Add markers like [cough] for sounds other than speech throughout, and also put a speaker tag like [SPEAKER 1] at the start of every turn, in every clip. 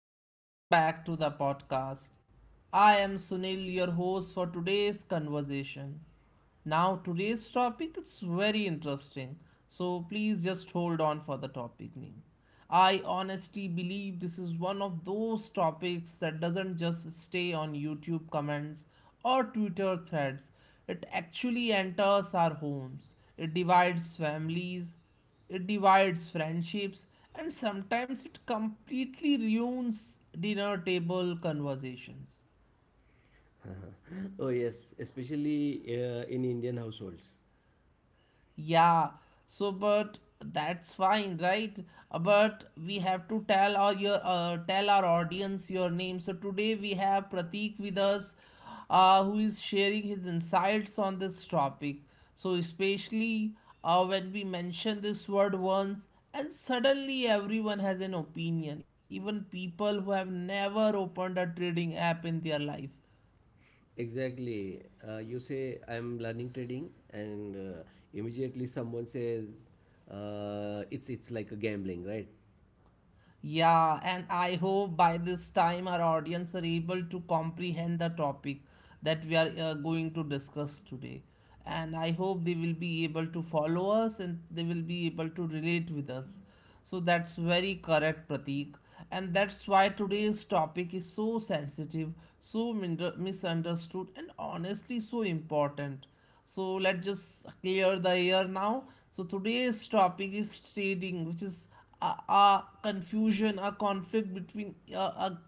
[SPEAKER 1] and welcome back to the podcast. I am Sunil, your host for today's conversation. Now, today's topic is very interesting, so please just hold on for the topic name. I honestly believe this is one of those topics that doesn't just stay on YouTube comments or Twitter threads. It actually enters our homes. It divides families. It divides friendships and sometimes it completely ruins dinner table conversations.
[SPEAKER 2] Oh, yes, especially in Indian households.
[SPEAKER 1] Yeah, so but that's fine, right? But we have to tell our your tell our audience your name. So today we have Pratik with us, who is sharing his insights on this topic. So especially when we mention this word once, and suddenly everyone has an opinion, even people who have never opened a trading app in their life.
[SPEAKER 2] Exactly. You say I'm learning trading, and immediately someone says it's like a gambling, right?
[SPEAKER 1] Yeah, and I hope by this time our audience are able to comprehend the topic that we are going to discuss today. And I hope they will be able to follow us and they will be able to relate with us. So that's very correct, Pratik. And that's why today's topic is so sensitive, so misunderstood, and honestly so important. So let's just clear the air now. So today's topic is trading, which is a, a confusion, a conflict between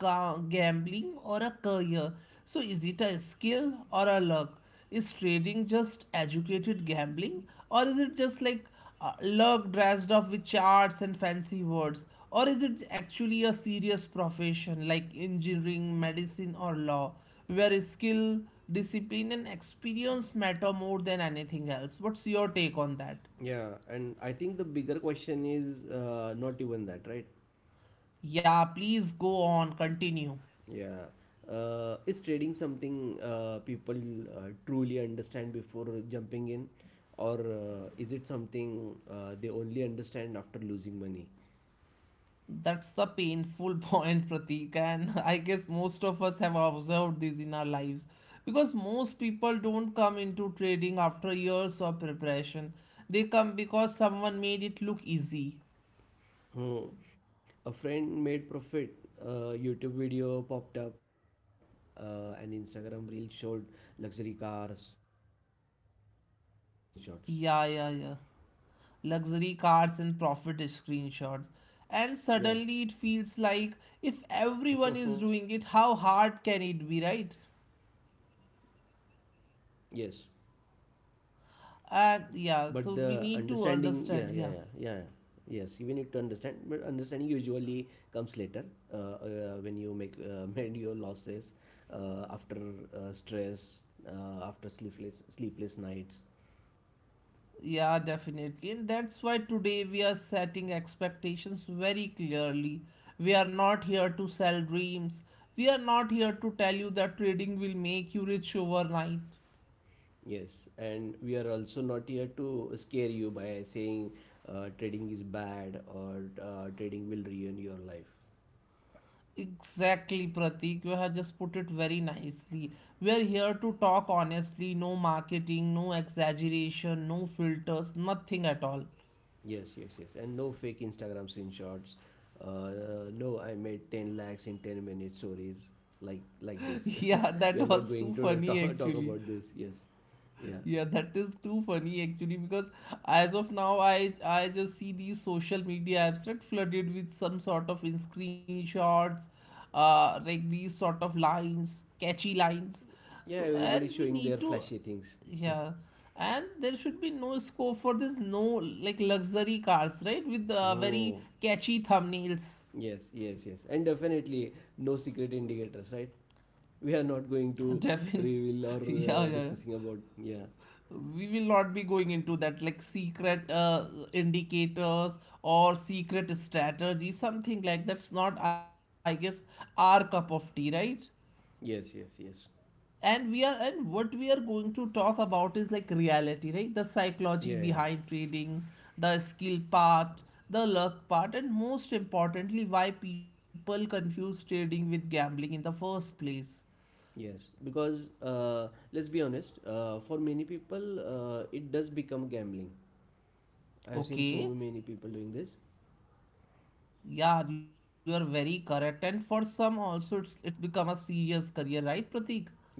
[SPEAKER 1] a gambling or a career. So is it a skill or a luck? Is trading just educated gambling, or is it just like look dressed up with charts and fancy words? Or is it actually a serious profession like engineering, medicine, or law, where skill, discipline, and experience matter more than anything else? What's your take on that?
[SPEAKER 2] Yeah, and I think the bigger question is not even that, right?
[SPEAKER 1] Yeah, please go on, continue.
[SPEAKER 2] Yeah. Is trading something people truly understand before jumping in, or is it something they only understand after losing money?
[SPEAKER 1] That's the painful [laughs] point, Pratik, and [laughs] I guess most of us have observed this in our lives because most people don't come into trading after years of preparation. They come because someone made it look easy.
[SPEAKER 2] Hmm. A friend made profit. A YouTube video popped up. An Instagram reel showed luxury cars and profit screenshots.
[SPEAKER 1] Yeah, yeah, yeah. Luxury cars and profit
[SPEAKER 2] Yeah.
[SPEAKER 1] screenshots. And suddenly it feels like if
[SPEAKER 2] [laughs]
[SPEAKER 1] everyone is doing it, how hard can it be, right?
[SPEAKER 2] Yes. But
[SPEAKER 1] And
[SPEAKER 2] the
[SPEAKER 1] yeah, so we
[SPEAKER 2] understanding,
[SPEAKER 1] need to
[SPEAKER 2] yeah, yeah, yeah,
[SPEAKER 1] understand,
[SPEAKER 2] yeah.
[SPEAKER 1] yeah.
[SPEAKER 2] Yes, you need to understand, but understanding usually comes later when you make [laughs] mend your losses after stress, after sleepless nights.
[SPEAKER 1] Yeah, definitely. And that's why today we are setting expectations very clearly. We are not here to sell dreams. We are not here to tell you that trading will make you rich overnight.
[SPEAKER 2] Yes, and we are also not here to scare you by saying trading is bad or trading will ruin your life.
[SPEAKER 1] Exactly, Pratik. You have just put it very nicely. We are here to talk honestly, no marketing, no exaggeration, no filters, nothing at all.
[SPEAKER 2] Yes, yes, yes. And no fake Instagram screenshots. No, I made 10 lakhs in 10 minutes stories like
[SPEAKER 1] [laughs]
[SPEAKER 2] this.
[SPEAKER 1] Yeah,
[SPEAKER 2] [laughs]
[SPEAKER 1] that
[SPEAKER 2] We are not
[SPEAKER 1] was
[SPEAKER 2] going
[SPEAKER 1] too
[SPEAKER 2] to [laughs]
[SPEAKER 1] funny
[SPEAKER 2] talk
[SPEAKER 1] actually.
[SPEAKER 2] about this. Yes. Yeah.
[SPEAKER 1] Yeah, that is too funny actually because as of now I just see these social media apps that flooded with some sort of in screenshots, like these sort of lines, catchy lines.
[SPEAKER 2] Yeah,
[SPEAKER 1] So
[SPEAKER 2] everybody
[SPEAKER 1] and
[SPEAKER 2] showing
[SPEAKER 1] we
[SPEAKER 2] their
[SPEAKER 1] need
[SPEAKER 2] flashy
[SPEAKER 1] to
[SPEAKER 2] things. Hmm.
[SPEAKER 1] yeah. And there should be no scope for this no like luxury cars, right? With
[SPEAKER 2] Oh,
[SPEAKER 1] very catchy thumbnails.
[SPEAKER 2] yes, yes, yes. And definitely no secret indicators, right? We are not going to
[SPEAKER 1] Devin.
[SPEAKER 2] reveal or
[SPEAKER 1] [laughs] Yeah, yeah, yeah.
[SPEAKER 2] discussing about, yeah.
[SPEAKER 1] We will not be going into that like secret indicators or secret strategy something like that's not I guess our cup of tea, right?
[SPEAKER 2] Yes, yes, yes.
[SPEAKER 1] And we are and what we are going to talk about is like reality, right? The psychology
[SPEAKER 2] Yeah, yeah.
[SPEAKER 1] behind trading, the skill part, the luck part, and most importantly why people confuse trading with gambling in the first place.
[SPEAKER 2] Yes, because let's be honest, for many people it does become gambling. I've seen so
[SPEAKER 1] Okay.
[SPEAKER 2] many people doing this.
[SPEAKER 1] Yeah, you are very correct. And for some also it's become a serious career, right, Pratik?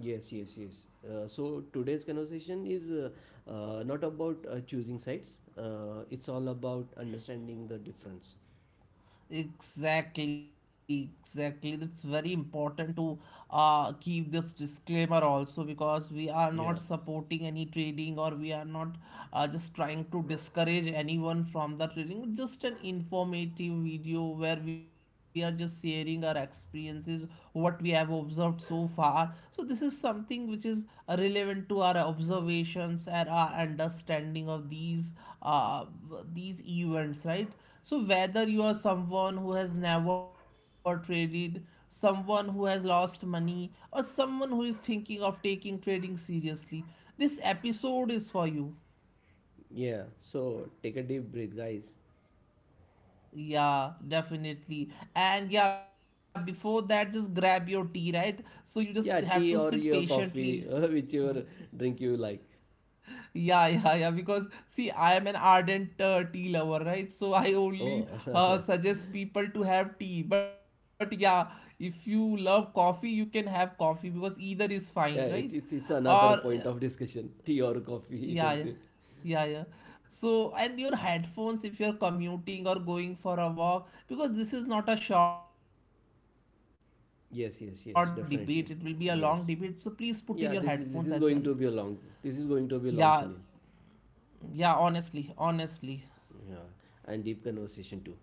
[SPEAKER 2] Yes, yes, yes. So today's conversation is not about choosing sites, it's all about understanding the difference.
[SPEAKER 1] Exactly, exactly. It's very important to keep this disclaimer also because we are not
[SPEAKER 2] Yeah,
[SPEAKER 1] supporting any trading or we are not just trying to discourage anyone from the trading. Just an informative video where we are just sharing our experiences what we have observed so far. So, this is something which is relevant to our observations and our understanding of uh, these events, right? So, whether you are someone who has never traded, someone who has lost money, or someone who is thinking of taking trading seriously, this episode is for you.
[SPEAKER 2] yeah, so take a deep breath, guys.
[SPEAKER 1] Yeah, definitely. And yeah, before that, just grab your tea, right? So you just have to
[SPEAKER 2] Yeah,
[SPEAKER 1] sit
[SPEAKER 2] tea or your
[SPEAKER 1] patiently.
[SPEAKER 2] coffee, [laughs] whichever drink you like.
[SPEAKER 1] Yeah, [laughs] yeah, yeah. Because see, I am an ardent tea lover, right? So I only
[SPEAKER 2] Oh, [laughs]
[SPEAKER 1] suggest people to have tea. But yeah, if you love coffee, you can have coffee because either is fine, right?
[SPEAKER 2] yeah, it's
[SPEAKER 1] Or
[SPEAKER 2] another point of discussion. [laughs] Tea or coffee, you
[SPEAKER 1] yeah, yeah,
[SPEAKER 2] can say.
[SPEAKER 1] yeah, yeah. So and your headphones if you're commuting or going for a walk, because this is not a short debate. It will be a long debate. So
[SPEAKER 2] Yes,
[SPEAKER 1] please
[SPEAKER 2] yes,
[SPEAKER 1] put
[SPEAKER 2] yes,
[SPEAKER 1] in your
[SPEAKER 2] definitely.
[SPEAKER 1] headphones as well.
[SPEAKER 2] Yes. Yeah, this is going to be a long,
[SPEAKER 1] Yeah,
[SPEAKER 2] this is going to be long, Sunil.
[SPEAKER 1] yeah, honestly, honestly.
[SPEAKER 2] Yeah, and deep conversation too.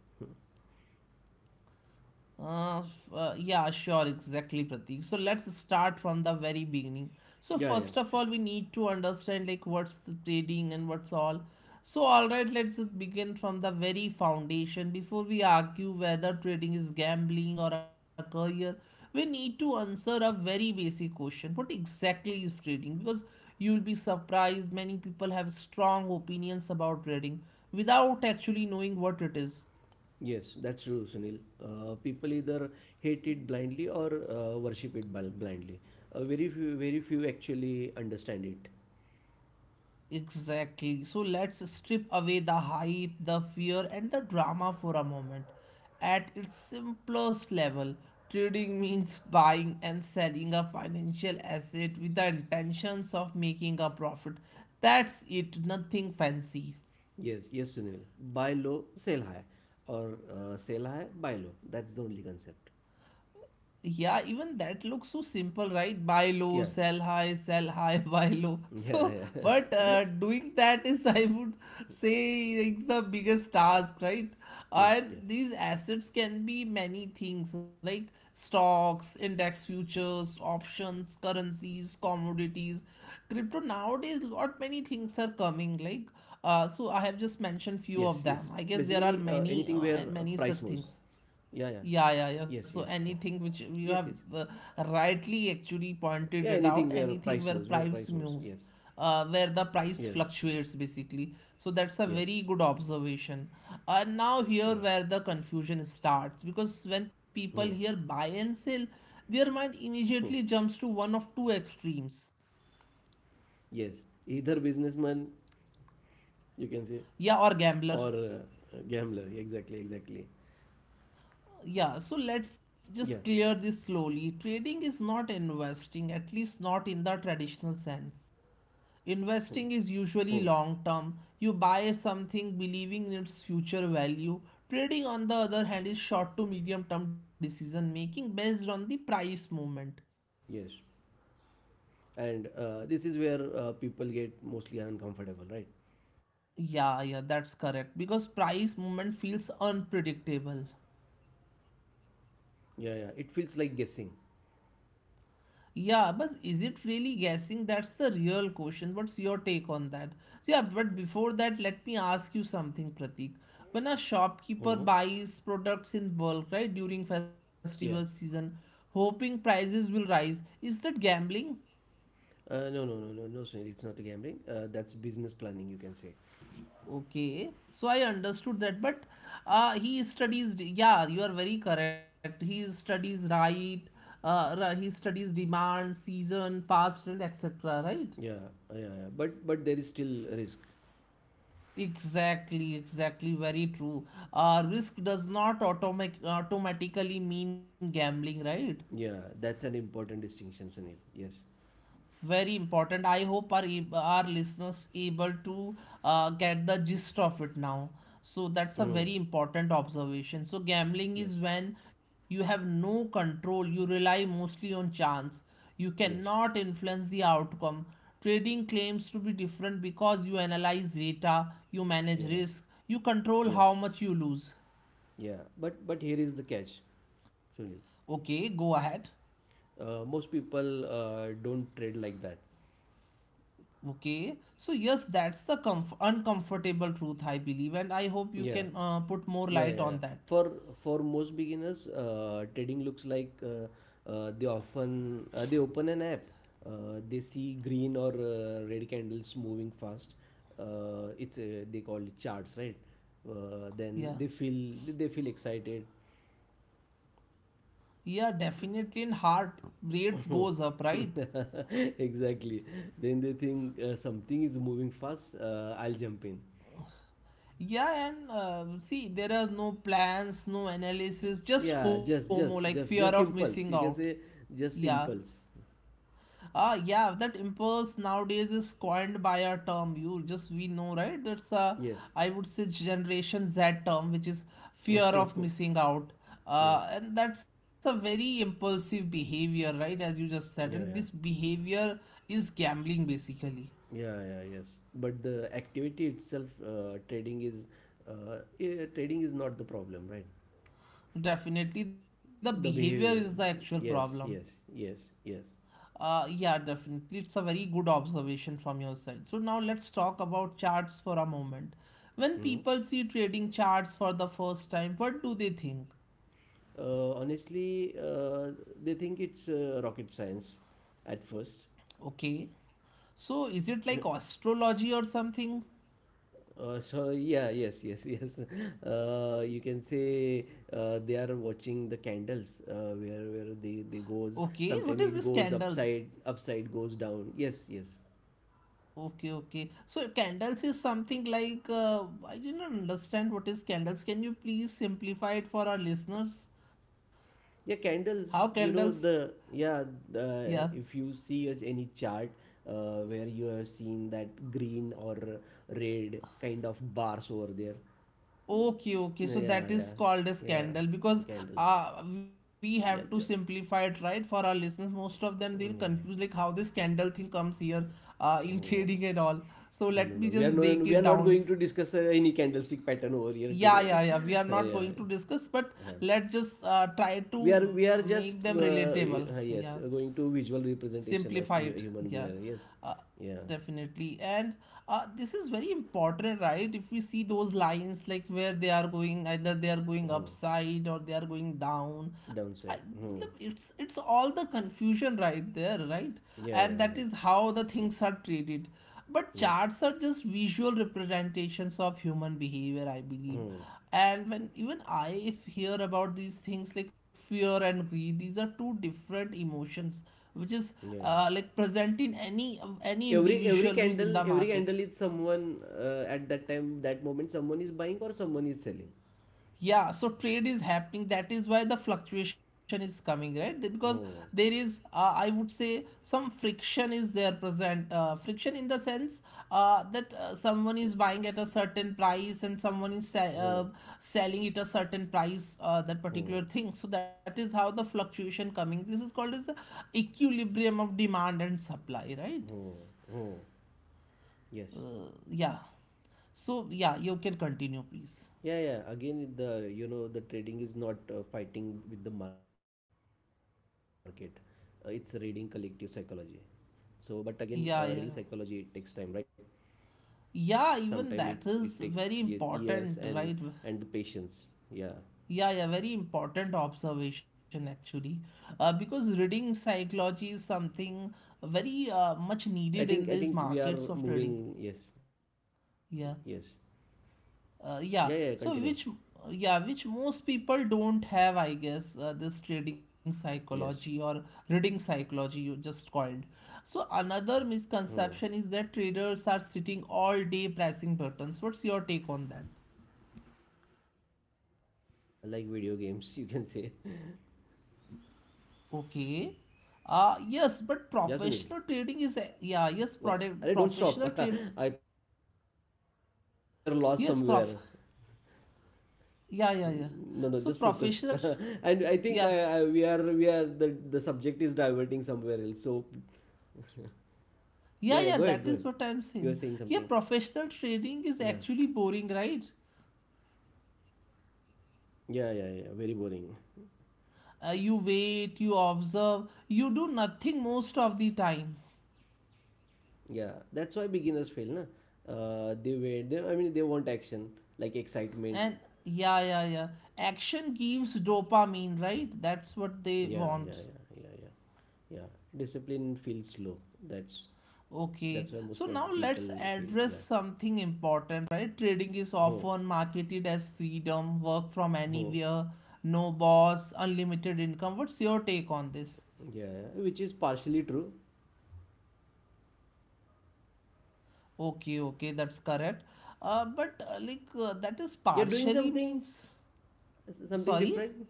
[SPEAKER 1] Yeah, sure, exactly, Pratik. So let's start from the very beginning. So
[SPEAKER 2] Yeah, yeah,
[SPEAKER 1] first of
[SPEAKER 2] sure.
[SPEAKER 1] all, we need to understand like what's the trading and what's all. So all right, let's just begin from the very foundation. Before we argue whether trading is gambling or a career, we need to answer a very basic question. What exactly is trading? Because you will be surprised many people have strong opinions about trading without actually knowing what it is.
[SPEAKER 2] Yes, that's true, Sunil. People either hate it blindly or worship it blindly. Very few actually understand it.
[SPEAKER 1] Exactly. So let's strip away the hype, the fear, and the drama for a moment. At its simplest level, trading means buying and selling a financial asset with the intentions of making a profit. That's it, nothing fancy.
[SPEAKER 2] Yes, yes, Sunil. Buy low, sell high, or sell high, buy low. That's the only concept.
[SPEAKER 1] Yeah, even that looks so simple, right? Buy low,
[SPEAKER 2] Yeah.
[SPEAKER 1] sell high, [laughs] buy low. So,
[SPEAKER 2] Yeah,
[SPEAKER 1] but
[SPEAKER 2] yeah. [laughs]
[SPEAKER 1] doing that is, [laughs] I would say, it's the biggest task, right? And
[SPEAKER 2] Yes, yes.
[SPEAKER 1] these assets can be many things, like stocks, index futures, options, currencies, commodities, crypto. Nowadays, lot many things are coming, like
[SPEAKER 2] Yes, yes.
[SPEAKER 1] I have just
[SPEAKER 2] Basically,
[SPEAKER 1] mentioned few of
[SPEAKER 2] anything
[SPEAKER 1] them. I
[SPEAKER 2] where
[SPEAKER 1] guess there are
[SPEAKER 2] price
[SPEAKER 1] many,
[SPEAKER 2] moves.
[SPEAKER 1] many
[SPEAKER 2] Yeah,
[SPEAKER 1] such
[SPEAKER 2] yeah.
[SPEAKER 1] things.
[SPEAKER 2] Yes, yes,
[SPEAKER 1] Yeah,
[SPEAKER 2] yes.
[SPEAKER 1] yeah, yeah. So
[SPEAKER 2] Yes, yes.
[SPEAKER 1] anything which you have rightly actually
[SPEAKER 2] Yeah, anything
[SPEAKER 1] pointed it
[SPEAKER 2] where
[SPEAKER 1] out,
[SPEAKER 2] price moves,
[SPEAKER 1] anything
[SPEAKER 2] where
[SPEAKER 1] where
[SPEAKER 2] price moves.
[SPEAKER 1] price
[SPEAKER 2] Yes,
[SPEAKER 1] moves, where the
[SPEAKER 2] yes,
[SPEAKER 1] price fluctuates basically. So that's a
[SPEAKER 2] yes.
[SPEAKER 1] very good observation. And now
[SPEAKER 2] Yeah.
[SPEAKER 1] here where the confusion starts because when
[SPEAKER 2] Hmm.
[SPEAKER 1] people hear buy and sell, their mind
[SPEAKER 2] Hmm.
[SPEAKER 1] immediately jumps to one of two extremes.
[SPEAKER 2] Yes. Either businessman, you can say,
[SPEAKER 1] Yeah,
[SPEAKER 2] or
[SPEAKER 1] or gambler.
[SPEAKER 2] gambler. Exactly, exactly.
[SPEAKER 1] Yeah, so let's
[SPEAKER 2] Yeah.
[SPEAKER 1] just clear this slowly. Trading is not investing, at least not in the traditional sense.
[SPEAKER 2] Hmm. Hmm.
[SPEAKER 1] Investing is usually long term. You buy something believing in its future value. Trading, on the other hand, is short to medium term decision making based on the
[SPEAKER 2] Yes.
[SPEAKER 1] price movement.
[SPEAKER 2] And this is where people get mostly uncomfortable, right?
[SPEAKER 1] Yeah, yeah, that's correct because price movement feels unpredictable.
[SPEAKER 2] Yeah, yeah. It feels like guessing.
[SPEAKER 1] Yeah, but is it really guessing? That's the real question. What's your take on that? So yeah, but before that, let me ask you something, Pratik. When a
[SPEAKER 2] Hmm.
[SPEAKER 1] shopkeeper buys products in bulk, right, during festival
[SPEAKER 2] Yeah.
[SPEAKER 1] season, hoping prices will rise, is that gambling?
[SPEAKER 2] No, no, no, no, no, Sunil. It's not a gambling. That's business planning, you can say.
[SPEAKER 1] Okay, so I understood that, but yeah, you are very correct. He studies right, he studies demand, season, past, and etc., right?
[SPEAKER 2] Yeah, yeah, yeah. But there is still a risk.
[SPEAKER 1] Exactly, exactly, very true. Risk does not automatically mean gambling, right?
[SPEAKER 2] Yeah, that's an important distinction, Sunil. Yes.
[SPEAKER 1] Very important. I hope our listeners able to get the gist of it now. So that's a
[SPEAKER 2] Mm.
[SPEAKER 1] very important observation. So gambling
[SPEAKER 2] Yes.
[SPEAKER 1] is when you have no control. You rely mostly on chance. You
[SPEAKER 2] Yes.
[SPEAKER 1] cannot influence the outcome. Trading claims to be different because you analyze data, you manage
[SPEAKER 2] Yeah.
[SPEAKER 1] risk, you control
[SPEAKER 2] Yes.
[SPEAKER 1] how much you lose.
[SPEAKER 2] Yeah. But here is the catch, Sunil.
[SPEAKER 1] Okay, go ahead.
[SPEAKER 2] Most people don't trade like that.
[SPEAKER 1] Okay, so yes, that's the uncomfortable truth, I believe, and I hope you
[SPEAKER 2] Yeah.
[SPEAKER 1] can put more
[SPEAKER 2] Yeah,
[SPEAKER 1] light
[SPEAKER 2] yeah, yeah.
[SPEAKER 1] on that.
[SPEAKER 2] For for most beginners, trading looks like they often they open an app. They see green or red candles moving fast. It's They call it charts, right? Then they
[SPEAKER 1] Yeah,
[SPEAKER 2] feel they feel excited.
[SPEAKER 1] yeah, definitely. And heart rates goes up, right?
[SPEAKER 2] [laughs] Exactly. Then they think something is moving fast. I'll jump in.
[SPEAKER 1] Yeah, and see, there are no plans, no analysis, just
[SPEAKER 2] Yeah,
[SPEAKER 1] FOMO,
[SPEAKER 2] just
[SPEAKER 1] like fear
[SPEAKER 2] just
[SPEAKER 1] of
[SPEAKER 2] just just
[SPEAKER 1] missing out.
[SPEAKER 2] impulse. You can say
[SPEAKER 1] Yeah,
[SPEAKER 2] just impulse.
[SPEAKER 1] ah, yeah, that impulse nowadays is coined by a term. You just we know, right? That's a
[SPEAKER 2] Yes.
[SPEAKER 1] I would say Generation Z term, which is fear
[SPEAKER 2] [laughs]
[SPEAKER 1] of missing out.
[SPEAKER 2] Yes.
[SPEAKER 1] And that's a very impulsive behavior, right? As you just said,
[SPEAKER 2] Yeah,
[SPEAKER 1] and
[SPEAKER 2] yeah.
[SPEAKER 1] this behavior is gambling basically.
[SPEAKER 2] Yeah, yeah, yes. But the activity itself, trading is not the problem, right?
[SPEAKER 1] Definitely, the
[SPEAKER 2] The
[SPEAKER 1] behavior
[SPEAKER 2] behavior.
[SPEAKER 1] is the actual
[SPEAKER 2] Yes,
[SPEAKER 1] problem.
[SPEAKER 2] yes, yes, yes.
[SPEAKER 1] Yeah, definitely. It's a very good observation from your side. So now let's talk about charts for a moment. When
[SPEAKER 2] Hmm.
[SPEAKER 1] people see trading charts for the first time, what do they think?
[SPEAKER 2] Honestly, they think it's rocket science at first.
[SPEAKER 1] Okay. So is it like astrology or something?
[SPEAKER 2] Yes, yes, yes. [laughs] You can say they are watching the candles where they
[SPEAKER 1] Okay.
[SPEAKER 2] goes.
[SPEAKER 1] What is this
[SPEAKER 2] Sometimes it goes
[SPEAKER 1] candles?
[SPEAKER 2] upside, upside goes down. Yes, yes.
[SPEAKER 1] Okay, okay. So candles is something like I didn't understand what is candles. Can you please simplify it for our listeners?
[SPEAKER 2] Yeah,
[SPEAKER 1] How
[SPEAKER 2] candles. You
[SPEAKER 1] candles?
[SPEAKER 2] know the, yeah.
[SPEAKER 1] Yeah.
[SPEAKER 2] The, if you see as any chart where you have seen that green or red kind of bars over there.
[SPEAKER 1] Okay, okay. So
[SPEAKER 2] Yeah,
[SPEAKER 1] that
[SPEAKER 2] yeah,
[SPEAKER 1] is called a
[SPEAKER 2] yeah.
[SPEAKER 1] scandal because
[SPEAKER 2] Candles.
[SPEAKER 1] we have to
[SPEAKER 2] Yeah, jo-
[SPEAKER 1] simplify it right for our listeners. Most of them they'll confuse
[SPEAKER 2] yeah.
[SPEAKER 1] like how this scandal thing comes here in [laughs]
[SPEAKER 2] Oh.
[SPEAKER 1] trading and all. So
[SPEAKER 2] No,
[SPEAKER 1] let
[SPEAKER 2] no,
[SPEAKER 1] me
[SPEAKER 2] no. We are,
[SPEAKER 1] just
[SPEAKER 2] no, no,
[SPEAKER 1] break
[SPEAKER 2] we
[SPEAKER 1] it
[SPEAKER 2] are not
[SPEAKER 1] down.
[SPEAKER 2] going to discuss any candlestick pattern over here
[SPEAKER 1] Yeah, yeah,
[SPEAKER 2] today.
[SPEAKER 1] yeah. We are
[SPEAKER 2] [laughs]
[SPEAKER 1] not
[SPEAKER 2] Yeah,
[SPEAKER 1] going to discuss, but let's just try
[SPEAKER 2] we
[SPEAKER 1] to
[SPEAKER 2] are we are
[SPEAKER 1] make
[SPEAKER 2] just
[SPEAKER 1] them relatable.
[SPEAKER 2] yes,
[SPEAKER 1] Yeah
[SPEAKER 2] going to visual representation of
[SPEAKER 1] simplify it
[SPEAKER 2] human
[SPEAKER 1] yeah
[SPEAKER 2] being. Yes,
[SPEAKER 1] uh,
[SPEAKER 2] yeah.
[SPEAKER 1] definitely and this is very important right if we see those lines like where they are going either they are
[SPEAKER 2] Hmm.
[SPEAKER 1] going upside or they are going down I,
[SPEAKER 2] Downside. Hmm.
[SPEAKER 1] look, it's all the confusion right there right
[SPEAKER 2] Yeah,
[SPEAKER 1] and
[SPEAKER 2] yeah,
[SPEAKER 1] that
[SPEAKER 2] yeah.
[SPEAKER 1] is how the things are traded but
[SPEAKER 2] Yes.
[SPEAKER 1] charts are just visual representations of human behavior, I believe.
[SPEAKER 2] Hmm.
[SPEAKER 1] And when even I if hear about these things like fear and greed, these are two different emotions which is
[SPEAKER 2] Yeah, yeah.
[SPEAKER 1] like present in any
[SPEAKER 2] Every every
[SPEAKER 1] individual who is in
[SPEAKER 2] candle
[SPEAKER 1] the
[SPEAKER 2] every
[SPEAKER 1] market.
[SPEAKER 2] candle is someone at that time, that moment, someone is buying or someone is selling.
[SPEAKER 1] Yeah, so trade is happening, that is why the fluctuation is coming, right? Because there
[SPEAKER 2] Hmm.
[SPEAKER 1] is, I would say, some friction is there present. Friction in the sense that someone is buying at a certain price and someone is
[SPEAKER 2] Hmm.
[SPEAKER 1] selling it a certain price, that
[SPEAKER 2] Hmm.
[SPEAKER 1] particular thing. So that is how the fluctuation coming. This is called as the equilibrium of demand and supply, right?
[SPEAKER 2] Hmm. Hmm. Yes.
[SPEAKER 1] Yeah, so yeah, you can continue please.
[SPEAKER 2] Yeah, yeah. Again, the you know, the trading is not fighting with the market. It's reading collective psychology. So, but again, reading
[SPEAKER 1] Yeah,
[SPEAKER 2] psychology
[SPEAKER 1] yeah.
[SPEAKER 2] takes time, right? Sometimes
[SPEAKER 1] Yeah,
[SPEAKER 2] it
[SPEAKER 1] even that
[SPEAKER 2] takes
[SPEAKER 1] is very
[SPEAKER 2] years and
[SPEAKER 1] important, right?
[SPEAKER 2] the patience.
[SPEAKER 1] Yeah, yeah, very important observation actually. Because reading psychology is something very much
[SPEAKER 2] I
[SPEAKER 1] needed in
[SPEAKER 2] think I
[SPEAKER 1] these
[SPEAKER 2] think we are
[SPEAKER 1] markets of trading.
[SPEAKER 2] moving. Yes, yes.
[SPEAKER 1] Yeah,
[SPEAKER 2] Yeah, yeah.
[SPEAKER 1] yeah.
[SPEAKER 2] Continue.
[SPEAKER 1] So which, yeah, which most people don't have, I guess, this trading
[SPEAKER 2] Yes.
[SPEAKER 1] psychology or reading psychology you just called. So another
[SPEAKER 2] Hmm.
[SPEAKER 1] misconception is that traders are sitting all day pressing buttons. What's your take on that?
[SPEAKER 2] Yeah, like video games, [laughs] you can say. [laughs]
[SPEAKER 1] Okay. Yes, but
[SPEAKER 2] Yeah, Sunil.
[SPEAKER 1] professional trading is yeah, yes,
[SPEAKER 2] What?
[SPEAKER 1] product
[SPEAKER 2] Arey, don't
[SPEAKER 1] professional
[SPEAKER 2] stop.
[SPEAKER 1] trade.
[SPEAKER 2] [laughs] I thought [laughs] you were lost
[SPEAKER 1] Yes,
[SPEAKER 2] somewhere.
[SPEAKER 1] prof. Yeah, yeah, yeah.
[SPEAKER 2] No, no, just
[SPEAKER 1] So
[SPEAKER 2] focus.
[SPEAKER 1] professional,
[SPEAKER 2] [laughs] And I think
[SPEAKER 1] yeah,
[SPEAKER 2] I, we are the subject is diverting somewhere else. So yeah,
[SPEAKER 1] yeah,
[SPEAKER 2] yeah,
[SPEAKER 1] yeah.
[SPEAKER 2] go ahead,
[SPEAKER 1] That
[SPEAKER 2] go
[SPEAKER 1] is
[SPEAKER 2] ahead.
[SPEAKER 1] what I'm
[SPEAKER 2] You are
[SPEAKER 1] saying.
[SPEAKER 2] saying
[SPEAKER 1] Yeah,
[SPEAKER 2] something.
[SPEAKER 1] professional trading is
[SPEAKER 2] Yeah.
[SPEAKER 1] actually boring, right?
[SPEAKER 2] Yeah, yeah, yeah. Very boring.
[SPEAKER 1] You wait, you observe, you do nothing most of the time,
[SPEAKER 2] Yeah. That's why beginners fail, na? They wait. I mean, they want action, like excitement.
[SPEAKER 1] and yeah, yeah, yeah. Action gives dopamine, right? That's what they
[SPEAKER 2] Yeah, yeah,
[SPEAKER 1] want.
[SPEAKER 2] yeah, yeah, yeah. Yeah. Discipline feels slow. That's that's
[SPEAKER 1] Okay,
[SPEAKER 2] why most
[SPEAKER 1] so
[SPEAKER 2] of the
[SPEAKER 1] now
[SPEAKER 2] people
[SPEAKER 1] let's
[SPEAKER 2] feel.
[SPEAKER 1] address
[SPEAKER 2] Yeah.
[SPEAKER 1] something important, right? Trading is
[SPEAKER 2] Oh,
[SPEAKER 1] often marketed as freedom, work from
[SPEAKER 2] oh.
[SPEAKER 1] anywhere, no boss, unlimited income. What's your take on this?
[SPEAKER 2] Yeah, yeah, which is partially true.
[SPEAKER 1] Okay, okay, that's correct. But like that is
[SPEAKER 2] You're doing
[SPEAKER 1] partially
[SPEAKER 2] something,
[SPEAKER 1] means,
[SPEAKER 2] Something
[SPEAKER 1] sorry,
[SPEAKER 2] different,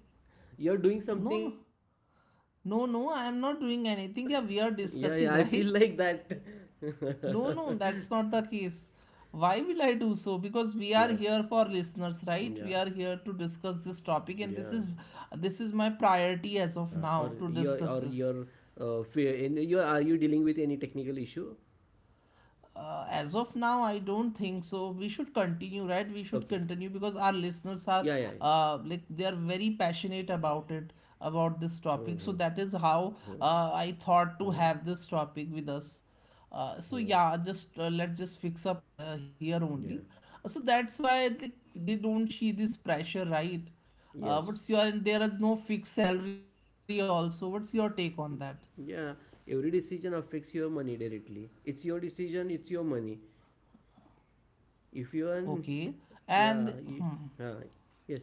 [SPEAKER 2] you're doing
[SPEAKER 1] no,
[SPEAKER 2] something
[SPEAKER 1] no,
[SPEAKER 2] other work or
[SPEAKER 1] no, no, I am not
[SPEAKER 2] [laughs] yeah,
[SPEAKER 1] doing
[SPEAKER 2] yeah, I
[SPEAKER 1] anything. Yeah,
[SPEAKER 2] feel
[SPEAKER 1] we
[SPEAKER 2] like
[SPEAKER 1] are
[SPEAKER 2] that.
[SPEAKER 1] discussing, [laughs] right?
[SPEAKER 2] [laughs]
[SPEAKER 1] No, no, that's not the case. Why will
[SPEAKER 2] yeah,
[SPEAKER 1] I do so? Because we are here
[SPEAKER 2] yeah,
[SPEAKER 1] for listeners, right? We are here to
[SPEAKER 2] yeah.
[SPEAKER 1] discuss this topic, and this is this
[SPEAKER 2] yeah
[SPEAKER 1] is my priority
[SPEAKER 2] or
[SPEAKER 1] as of
[SPEAKER 2] your
[SPEAKER 1] now to discuss
[SPEAKER 2] Fear
[SPEAKER 1] this.
[SPEAKER 2] in your, are you dealing with any technical issue?
[SPEAKER 1] As of now, I don't think so. We should continue,
[SPEAKER 2] Okay,
[SPEAKER 1] right? We should continue because our
[SPEAKER 2] yeah, yeah.
[SPEAKER 1] listeners are like they are very passionate about it, about this
[SPEAKER 2] Mm-hmm. Mm-hmm.
[SPEAKER 1] topic. So that is
[SPEAKER 2] Hmm,
[SPEAKER 1] how I
[SPEAKER 2] hmm,
[SPEAKER 1] thought to have this topic with us.
[SPEAKER 2] hmm, hmm.
[SPEAKER 1] So yeah, just let's just fix up here
[SPEAKER 2] Yeah.
[SPEAKER 1] only. So that's why they don't see this pressure, right? Uh,
[SPEAKER 2] Yes,
[SPEAKER 1] what's your and there is no fixed salary also. What's your take on that?
[SPEAKER 2] yeah, every decision affects your money directly. It's your decision, it's your money. If you earn,
[SPEAKER 1] Okay,
[SPEAKER 2] yeah,
[SPEAKER 1] and
[SPEAKER 2] you,
[SPEAKER 1] hmm.
[SPEAKER 2] uh, yes,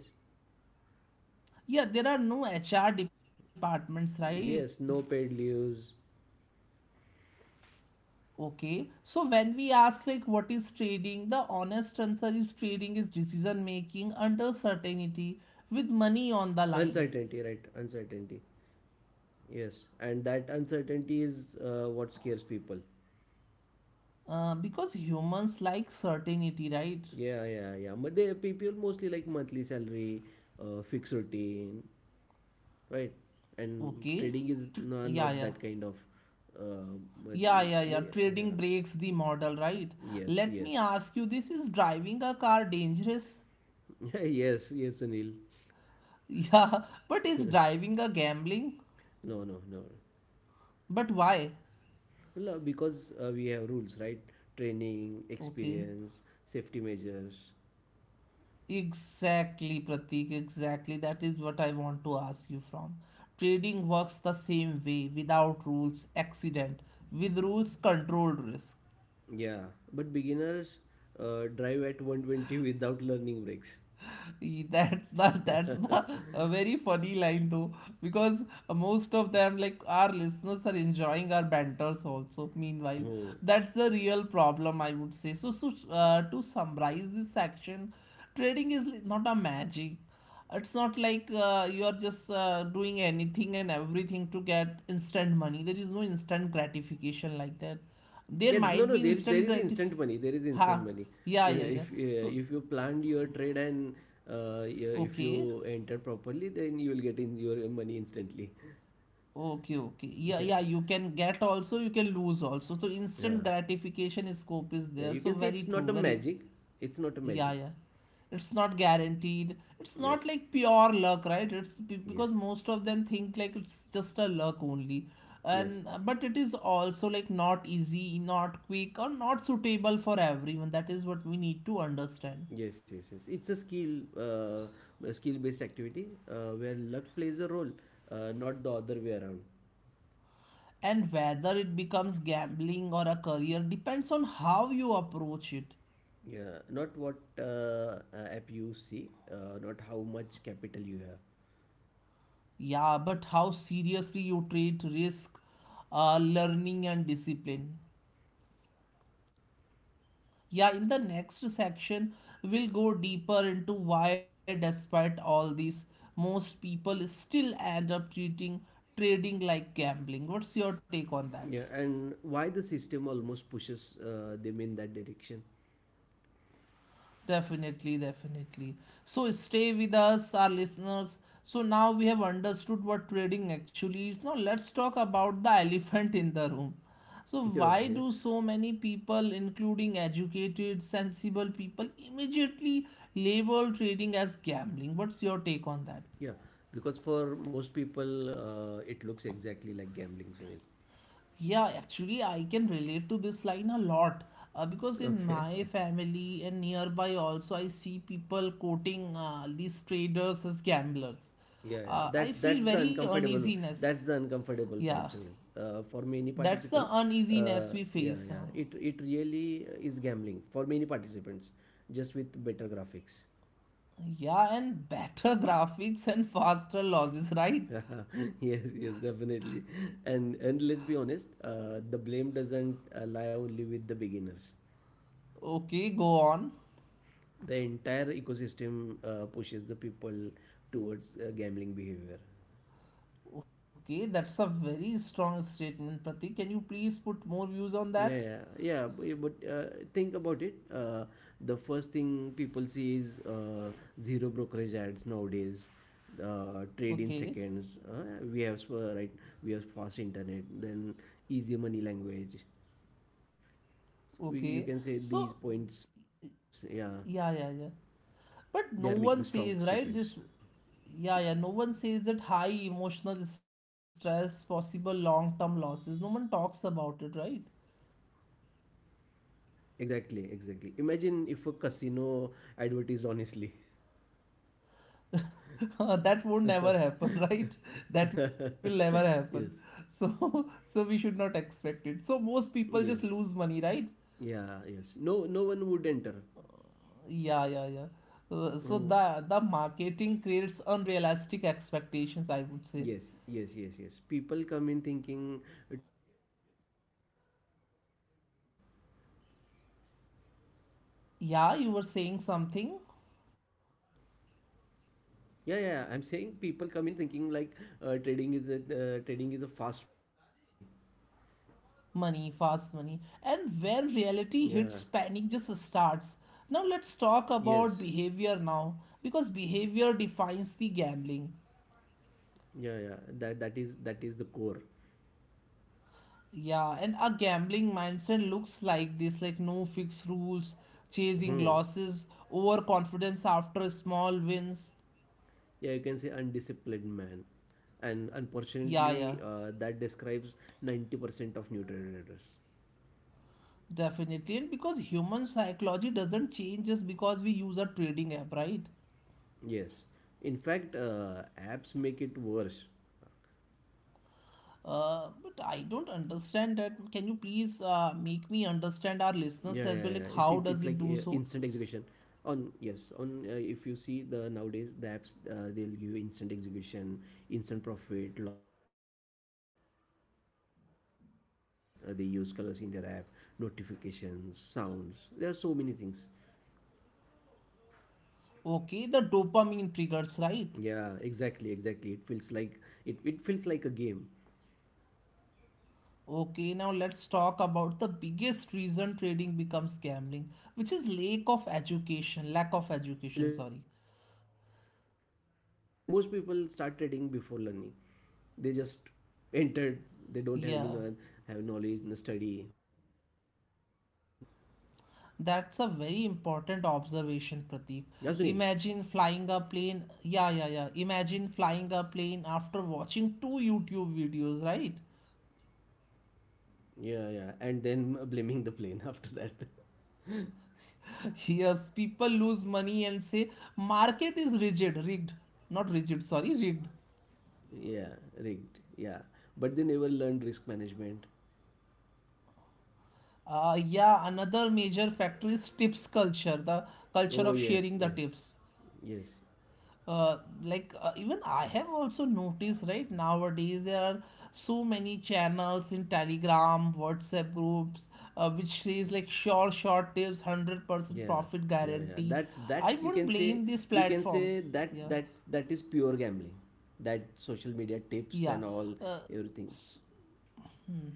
[SPEAKER 1] Yeah, there are no HR departments, right?
[SPEAKER 2] yes, no paid leaves.
[SPEAKER 1] Okay. So when we ask like what is trading, the honest answer is trading is decision making under certainty with money on the line.
[SPEAKER 2] Uncertainty, right? Uncertainty. Yes, and that uncertainty is what scares people.
[SPEAKER 1] Because humans like certainty, right?
[SPEAKER 2] Yeah, yeah, yeah. But they, people mostly like monthly salary, fixed routine, right? And
[SPEAKER 1] Okay.
[SPEAKER 2] trading is, no,
[SPEAKER 1] Yeah,
[SPEAKER 2] not
[SPEAKER 1] yeah.
[SPEAKER 2] that kind of, uh, but,
[SPEAKER 1] Yeah, yeah, yeah.
[SPEAKER 2] but yeah, yeah.
[SPEAKER 1] Trading breaks the model, right?
[SPEAKER 2] Yes,
[SPEAKER 1] Let
[SPEAKER 2] yes.
[SPEAKER 1] me ask you, this is driving a car dangerous? [laughs]
[SPEAKER 2] [laughs] Yes, yes, Sunil.
[SPEAKER 1] Yeah, but is
[SPEAKER 2] [laughs]
[SPEAKER 1] driving a gambling?
[SPEAKER 2] No, no, no.
[SPEAKER 1] But why?
[SPEAKER 2] Well, because we have rules, right? Training,
[SPEAKER 1] Okay.
[SPEAKER 2] experience, safety measures.
[SPEAKER 1] Exactly, Pratik, exactly. That is what I want to ask you from. Trading works the same way: without rules, accident; with rules, controlled risk.
[SPEAKER 2] Yeah, but beginners drive at 120 without learning brakes.
[SPEAKER 1] [laughs] That's the
[SPEAKER 2] [laughs]
[SPEAKER 1] a very funny line though, because most of them, like our listeners, are enjoying our banters also. Meanwhile,
[SPEAKER 2] Hmm.
[SPEAKER 1] that's the real problem, I would say. So to summarize this section, trading is not a magic. It's not like you are just doing anything and everything to get instant money. There is no instant gratification like that. There
[SPEAKER 2] Yeah, no,
[SPEAKER 1] might
[SPEAKER 2] no.
[SPEAKER 1] be
[SPEAKER 2] There
[SPEAKER 1] instant
[SPEAKER 2] is
[SPEAKER 1] gratification.
[SPEAKER 2] instant money. There is instant
[SPEAKER 1] Ha,
[SPEAKER 2] money.
[SPEAKER 1] yeah, yeah, yeah. So,
[SPEAKER 2] If you planned your trade and yeah, if you
[SPEAKER 1] okay.
[SPEAKER 2] enter properly, then you will get in your money instantly.
[SPEAKER 1] Okay, okay.
[SPEAKER 2] [laughs]
[SPEAKER 1] Yeah,
[SPEAKER 2] Yeah,
[SPEAKER 1] yeah, you can get also, you can lose also. So
[SPEAKER 2] yeah,
[SPEAKER 1] instant gratification scope is
[SPEAKER 2] yeah.
[SPEAKER 1] there.
[SPEAKER 2] You
[SPEAKER 1] So
[SPEAKER 2] can say
[SPEAKER 1] very
[SPEAKER 2] it's not
[SPEAKER 1] true,
[SPEAKER 2] a
[SPEAKER 1] very
[SPEAKER 2] magic. It's not a
[SPEAKER 1] yeah,
[SPEAKER 2] magic.
[SPEAKER 1] yeah. It's not guaranteed. It's not
[SPEAKER 2] Yes,
[SPEAKER 1] like pure luck, right? It's
[SPEAKER 2] yes.
[SPEAKER 1] because most of them think like it's just a luck only.
[SPEAKER 2] Yes,
[SPEAKER 1] And but it is also like not easy, not quick, or not suitable for everyone. That is what we need to understand.
[SPEAKER 2] yes, yes, yes. It's a skill, a skill-based activity where luck plays a role, not the other way around.
[SPEAKER 1] And whether it becomes gambling or a career depends on how you approach it.
[SPEAKER 2] Yeah, not what app you see, not how much capital you have.
[SPEAKER 1] Yeah, but how seriously you treat risk, learning, and discipline. Yeah, in the next section, we'll go deeper into why, despite all this, most people still end up treating trading like gambling. What's your take on that?
[SPEAKER 2] Yeah, and why the system almost pushes them in that direction. [laughs]
[SPEAKER 1] Definitely, definitely. So stay with us, our listeners. So now we have understood what trading actually is. Now let's talk about the [laughs] elephant in the room. So why
[SPEAKER 2] Okay.
[SPEAKER 1] do so many people, including educated, sensible people, immediately label trading as gambling? What's your take on that?
[SPEAKER 2] Yeah, because for most people, it looks exactly like gambling, Sunil.
[SPEAKER 1] Yeah, actually, I can relate to this line a lot because in
[SPEAKER 2] Okay.
[SPEAKER 1] my
[SPEAKER 2] [laughs]
[SPEAKER 1] family and nearby also, I see people quoting these traders as gamblers.
[SPEAKER 2] Yeah, yeah.
[SPEAKER 1] I feel very uneasiness.
[SPEAKER 2] That's the uncomfortable
[SPEAKER 1] Yeah,
[SPEAKER 2] part, Sunil.
[SPEAKER 1] that's the uneasiness
[SPEAKER 2] Uh,
[SPEAKER 1] we
[SPEAKER 2] yeah,
[SPEAKER 1] face.
[SPEAKER 2] yeah. It really is gambling for many participants, just with better graphics.
[SPEAKER 1] Yeah, and better [laughs] graphics and faster losses, right?
[SPEAKER 2] [laughs] Yes, yes, definitely. And let's be honest, the blame doesn't lie only with the beginners.
[SPEAKER 1] Okay, go on.
[SPEAKER 2] The entire ecosystem pushes the people towards gambling behavior.
[SPEAKER 1] Okay, that's a very strong statement, Pratik. Can you please put more views on
[SPEAKER 2] Yeah,
[SPEAKER 1] that?
[SPEAKER 2] yeah, yeah. b- But Think about it. The first thing people see is zero brokerage ads nowadays. Trade in
[SPEAKER 1] Okay,
[SPEAKER 2] seconds. Right. We have fast internet. Then easy money language. So we, you
[SPEAKER 1] okay.
[SPEAKER 2] can say,
[SPEAKER 1] So
[SPEAKER 2] these points. Yeah,
[SPEAKER 1] yeah, yeah, yeah.
[SPEAKER 2] they are making
[SPEAKER 1] But no
[SPEAKER 2] strong
[SPEAKER 1] one says,
[SPEAKER 2] statements.
[SPEAKER 1] right? Yeah, yeah. No one says that high emotional stress, possible long-term losses. No one talks about it, right?
[SPEAKER 2] Exactly, exactly. Imagine if a casino advertised honestly.
[SPEAKER 1] [laughs] That would
[SPEAKER 2] [laughs]
[SPEAKER 1] never happen, [laughs] right? That will never happen.
[SPEAKER 2] Yes.
[SPEAKER 1] So, [laughs] so we should not expect it. So most people just
[SPEAKER 2] Yes.
[SPEAKER 1] lose money, right?
[SPEAKER 2] Yeah, yes. No, no one would enter.
[SPEAKER 1] Yeah, yeah, yeah. So
[SPEAKER 2] Mm.
[SPEAKER 1] the marketing creates unrealistic expectations, I would say.
[SPEAKER 2] Yes, yes, yes, yes. People come in thinking trading is fast money.
[SPEAKER 1] Yeah, you were saying something.
[SPEAKER 2] Yeah, yeah, yeah. I'm saying people come in thinking like trading is a fast money.
[SPEAKER 1] Money, fast money, and when reality
[SPEAKER 2] Yeah.
[SPEAKER 1] hits, panic just starts. Now let's talk
[SPEAKER 2] Yes.
[SPEAKER 1] about behavior now, because behavior defines the gambling.
[SPEAKER 2] Yeah, yeah. That is the core.
[SPEAKER 1] Yeah, and a gambling mindset looks like this: like no fixed rules, chasing
[SPEAKER 2] Hmm.
[SPEAKER 1] losses, overconfidence after small wins.
[SPEAKER 2] Yeah, you can say undisciplined man, and
[SPEAKER 1] Yeah, yeah,
[SPEAKER 2] unfortunately, that describes 90% of new traders.
[SPEAKER 1] definitely. And because human psychology doesn't change just because we use a trading app, right?
[SPEAKER 2] Yes. In fact, apps make it worse.
[SPEAKER 1] But I don't understand that. Can you please make me
[SPEAKER 2] Yeah, yeah, yeah,
[SPEAKER 1] understand our
[SPEAKER 2] yeah. It's
[SPEAKER 1] listeners
[SPEAKER 2] like
[SPEAKER 1] as well? Like, how
[SPEAKER 2] instant
[SPEAKER 1] does it do
[SPEAKER 2] execution.
[SPEAKER 1] so?
[SPEAKER 2] On, yes, on, if you see the nowadays the apps, they'll give you instant execution, instant profit, loss display. Then their colors, they use colors in their app, notifications, sounds. There are so many things.
[SPEAKER 1] Okay, the dopamine triggers, right?
[SPEAKER 2] Yeah, exactly, exactly. It feels like, it feels like a game.
[SPEAKER 1] Okay, now let's talk about the biggest reason trading becomes gambling, which is lack of education. Lack of education, sorry.
[SPEAKER 2] Lack of education, yes. Most people start trading before learning. They just entered.
[SPEAKER 1] Yeah,
[SPEAKER 2] They don't have any have knowledge, no study, nothing else.
[SPEAKER 1] that's a very important observation, Pratik.
[SPEAKER 2] Yeah, Sunil.
[SPEAKER 1] Imagine flying a plane. Yeah, yeah, yeah. Imagine flying a plane after watching two YouTube videos, right?
[SPEAKER 2] Yeah, yeah, and then [laughs] blaming the plane [laughs] after that.
[SPEAKER 1] Yes, people lose money and say market is rigid, rigged, not rigid, sorry, rigged.
[SPEAKER 2] Yeah, rigged, yeah. But they never learned risk management.
[SPEAKER 1] Yeah, another major factor is tips culture, the culture of
[SPEAKER 2] Oh
[SPEAKER 1] sharing
[SPEAKER 2] yes,
[SPEAKER 1] the
[SPEAKER 2] yes,
[SPEAKER 1] tips.
[SPEAKER 2] yes.
[SPEAKER 1] Uh, like even I have also noticed, right, nowadays there are so many channels in Telegram, WhatsApp groups, which says like sure, short tips, 100%
[SPEAKER 2] Yeah,
[SPEAKER 1] profit
[SPEAKER 2] yeah, yeah,
[SPEAKER 1] guarantee.
[SPEAKER 2] that's
[SPEAKER 1] I
[SPEAKER 2] that's you
[SPEAKER 1] won't
[SPEAKER 2] can say.
[SPEAKER 1] blame these
[SPEAKER 2] You can say
[SPEAKER 1] platforms.
[SPEAKER 2] that
[SPEAKER 1] Yeah,
[SPEAKER 2] that is pure gambling, that social media tips and
[SPEAKER 1] yeah.
[SPEAKER 2] all,
[SPEAKER 1] Uh,
[SPEAKER 2] everything.
[SPEAKER 1] s- hmm.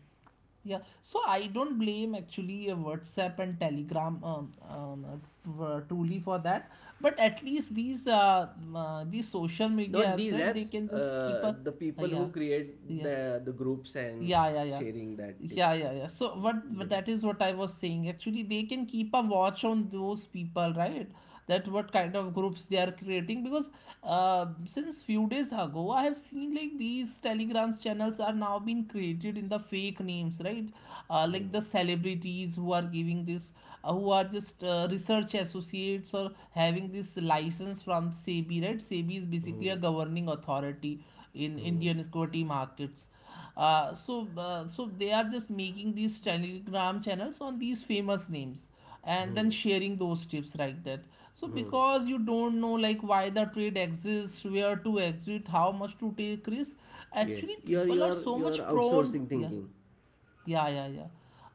[SPEAKER 1] Yeah, so I don't blame actually WhatsApp and Telegram truly for that, but at least these social
[SPEAKER 2] Not
[SPEAKER 1] media apps,
[SPEAKER 2] these
[SPEAKER 1] right? They
[SPEAKER 2] apps,
[SPEAKER 1] can just keep a
[SPEAKER 2] the people
[SPEAKER 1] yeah,
[SPEAKER 2] who create
[SPEAKER 1] yeah,
[SPEAKER 2] the groups and
[SPEAKER 1] yeah, yeah, yeah.
[SPEAKER 2] sharing that
[SPEAKER 1] Yeah,
[SPEAKER 2] tips,
[SPEAKER 1] yeah, yeah. So what
[SPEAKER 2] them.
[SPEAKER 1] that is what I was saying. Actually, they can keep a watch on those people, right? That what kind of groups they are creating, because since few days ago, I have seen like these telegrams channels are now being created in the fake names, right? Like the
[SPEAKER 2] Hmm.
[SPEAKER 1] celebrities who are giving this, who are just research associates or having this license from SEBI, right? SEBI is basically a
[SPEAKER 2] Hmm.
[SPEAKER 1] governing authority in
[SPEAKER 2] Hmm.
[SPEAKER 1] Indian equity markets. So so they are just making these telegram channels on these famous names and then
[SPEAKER 2] Hmm.
[SPEAKER 1] sharing those tips like that. So,
[SPEAKER 2] Hmm.
[SPEAKER 1] because you don't know like why the trade exists, where to exit, how much to take risk,
[SPEAKER 2] Yes,
[SPEAKER 1] actually
[SPEAKER 2] you're
[SPEAKER 1] people are
[SPEAKER 2] you're
[SPEAKER 1] so
[SPEAKER 2] you're
[SPEAKER 1] much prone.
[SPEAKER 2] outsourcing
[SPEAKER 1] Yeah,
[SPEAKER 2] thinking.
[SPEAKER 1] yeah, yeah, yeah.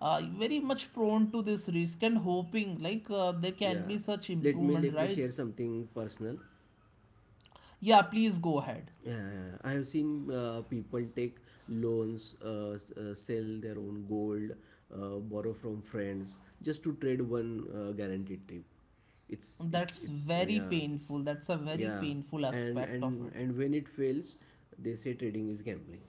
[SPEAKER 1] Very much prone to this risk and hoping like there can
[SPEAKER 2] Yeah,
[SPEAKER 1] be such
[SPEAKER 2] let me
[SPEAKER 1] improvement,
[SPEAKER 2] let me
[SPEAKER 1] right?
[SPEAKER 2] share something personal.
[SPEAKER 1] Yeah, please go ahead.
[SPEAKER 2] Yeah, yeah, yeah. I have seen people take loans, sell their own gold, borrow from friends just to trade one guaranteed trip.
[SPEAKER 1] That's
[SPEAKER 2] It's
[SPEAKER 1] very
[SPEAKER 2] yeah,
[SPEAKER 1] painful. That's a very
[SPEAKER 2] yeah.
[SPEAKER 1] painful
[SPEAKER 2] And
[SPEAKER 1] aspect of
[SPEAKER 2] and
[SPEAKER 1] it.
[SPEAKER 2] and when it fails, they say trading is gambling.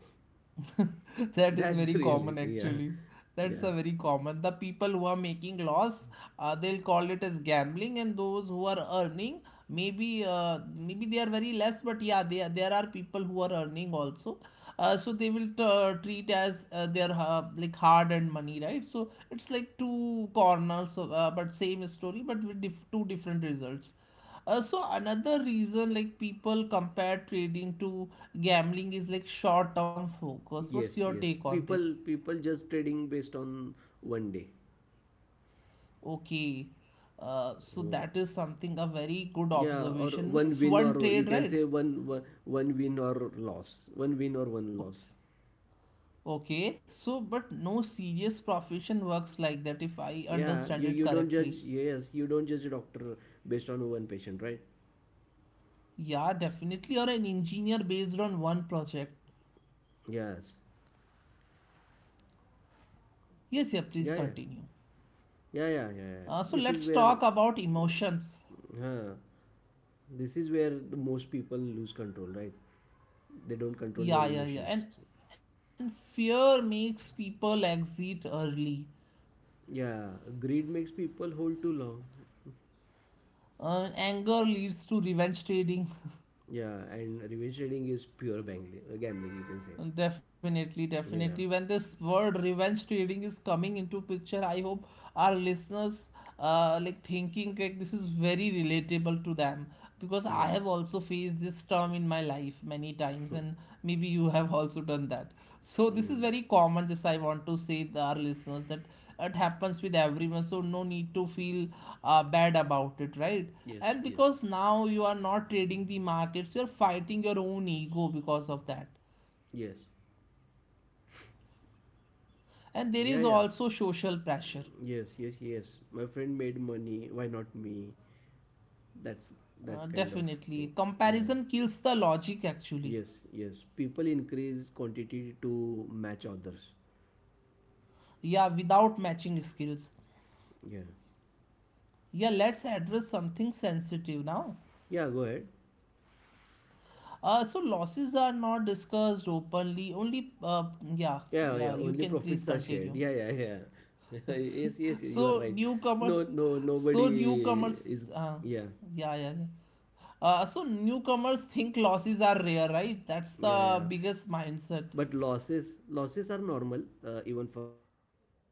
[SPEAKER 1] [laughs]
[SPEAKER 2] [laughs]
[SPEAKER 1] That is
[SPEAKER 2] That's
[SPEAKER 1] very
[SPEAKER 2] the
[SPEAKER 1] common
[SPEAKER 2] reality. Yeah,
[SPEAKER 1] actually. That's
[SPEAKER 2] yeah.
[SPEAKER 1] a very common, the people who are making loss, they'll call it as gambling, and those who are earning, maybe maybe they are very less, but yeah, there are people who are earning also, so they will treat as their like hard earned money, right? So it's like two corners of, but same story but with two different results. So another reason like people compare trading to gambling is like short-term focus. What's
[SPEAKER 2] Yes,
[SPEAKER 1] your
[SPEAKER 2] yes.
[SPEAKER 1] take on this?
[SPEAKER 2] People just trading based on 1 day.
[SPEAKER 1] Okay, so
[SPEAKER 2] Oh.
[SPEAKER 1] that is something a very good
[SPEAKER 2] Yeah, or
[SPEAKER 1] observation.
[SPEAKER 2] one
[SPEAKER 1] Means
[SPEAKER 2] win,
[SPEAKER 1] one
[SPEAKER 2] or you
[SPEAKER 1] trade,
[SPEAKER 2] can
[SPEAKER 1] right?
[SPEAKER 2] say one win or loss, one win or one loss.
[SPEAKER 1] Okay. Okay. So, but no serious profession works like that, if I
[SPEAKER 2] Yeah,
[SPEAKER 1] understand
[SPEAKER 2] you
[SPEAKER 1] it
[SPEAKER 2] don't judge.
[SPEAKER 1] correctly.
[SPEAKER 2] Yes, you don't judge a doctor based on one patient, right?
[SPEAKER 1] Yeah, definitely. Or an engineer based on one project.
[SPEAKER 2] Yes.
[SPEAKER 1] Yes, yeah, please
[SPEAKER 2] Yeah, yeah,
[SPEAKER 1] continue.
[SPEAKER 2] yeah, yeah, yeah, yeah.
[SPEAKER 1] So let's talk about emotions.
[SPEAKER 2] Huh, this is where the most people lose control, right? They don't control
[SPEAKER 1] Yeah,
[SPEAKER 2] their
[SPEAKER 1] yeah, yeah.
[SPEAKER 2] emotions.
[SPEAKER 1] And fear makes people exit early.
[SPEAKER 2] Yeah, greed makes people hold too long.
[SPEAKER 1] Anger leads to revenge trading. [laughs]
[SPEAKER 2] Yeah, and revenge trading is pure gambling, you can say.
[SPEAKER 1] Definitely,
[SPEAKER 2] Yeah,
[SPEAKER 1] definitely. When this word revenge trading is coming into picture, I hope our listeners like thinking like this is very relatable to them, because I
[SPEAKER 2] yeah.
[SPEAKER 1] have also faced this term in my life many times,
[SPEAKER 2] [laughs]
[SPEAKER 1] and maybe you have also done that. So this is
[SPEAKER 2] Mm,
[SPEAKER 1] very common, just I want to say to our listeners that it happens with everyone, so no need to feel bad about it, right?
[SPEAKER 2] yes,
[SPEAKER 1] And
[SPEAKER 2] yes,
[SPEAKER 1] because now you are not trading the markets, you're fighting your own ego because of that.
[SPEAKER 2] yes.
[SPEAKER 1] And there is
[SPEAKER 2] Yeah, yeah.
[SPEAKER 1] also social pressure.
[SPEAKER 2] Yes, yes, yes. My friend made money, why not me? That's that's kind of thing.
[SPEAKER 1] Definitely.
[SPEAKER 2] Yeah.
[SPEAKER 1] Comparison kills the logic actually.
[SPEAKER 2] Yes, yes. People increase quantity to match others.
[SPEAKER 1] Yeah, without matching skills.
[SPEAKER 2] Yeah.
[SPEAKER 1] Yeah, let's address something sensitive now.
[SPEAKER 2] Yeah, go ahead.
[SPEAKER 1] So losses are not discussed openly. Only yeah,
[SPEAKER 2] Yeah,
[SPEAKER 1] yeah,
[SPEAKER 2] yeah.
[SPEAKER 1] you
[SPEAKER 2] Only
[SPEAKER 1] can please
[SPEAKER 2] profits are shared.
[SPEAKER 1] continue.
[SPEAKER 2] Yeah, yeah, yeah. [laughs] Yes, yes, you are
[SPEAKER 1] So
[SPEAKER 2] right.
[SPEAKER 1] newcomer
[SPEAKER 2] No, no.
[SPEAKER 1] so
[SPEAKER 2] Nobody
[SPEAKER 1] newcomers
[SPEAKER 2] is.
[SPEAKER 1] uh,
[SPEAKER 2] Yeah,
[SPEAKER 1] yeah, yeah, yeah. So newcomers think losses are rare, right? That's the
[SPEAKER 2] yeah,
[SPEAKER 1] biggest
[SPEAKER 2] yeah.
[SPEAKER 1] mindset.
[SPEAKER 2] But losses are normal, even for professionals. Huh?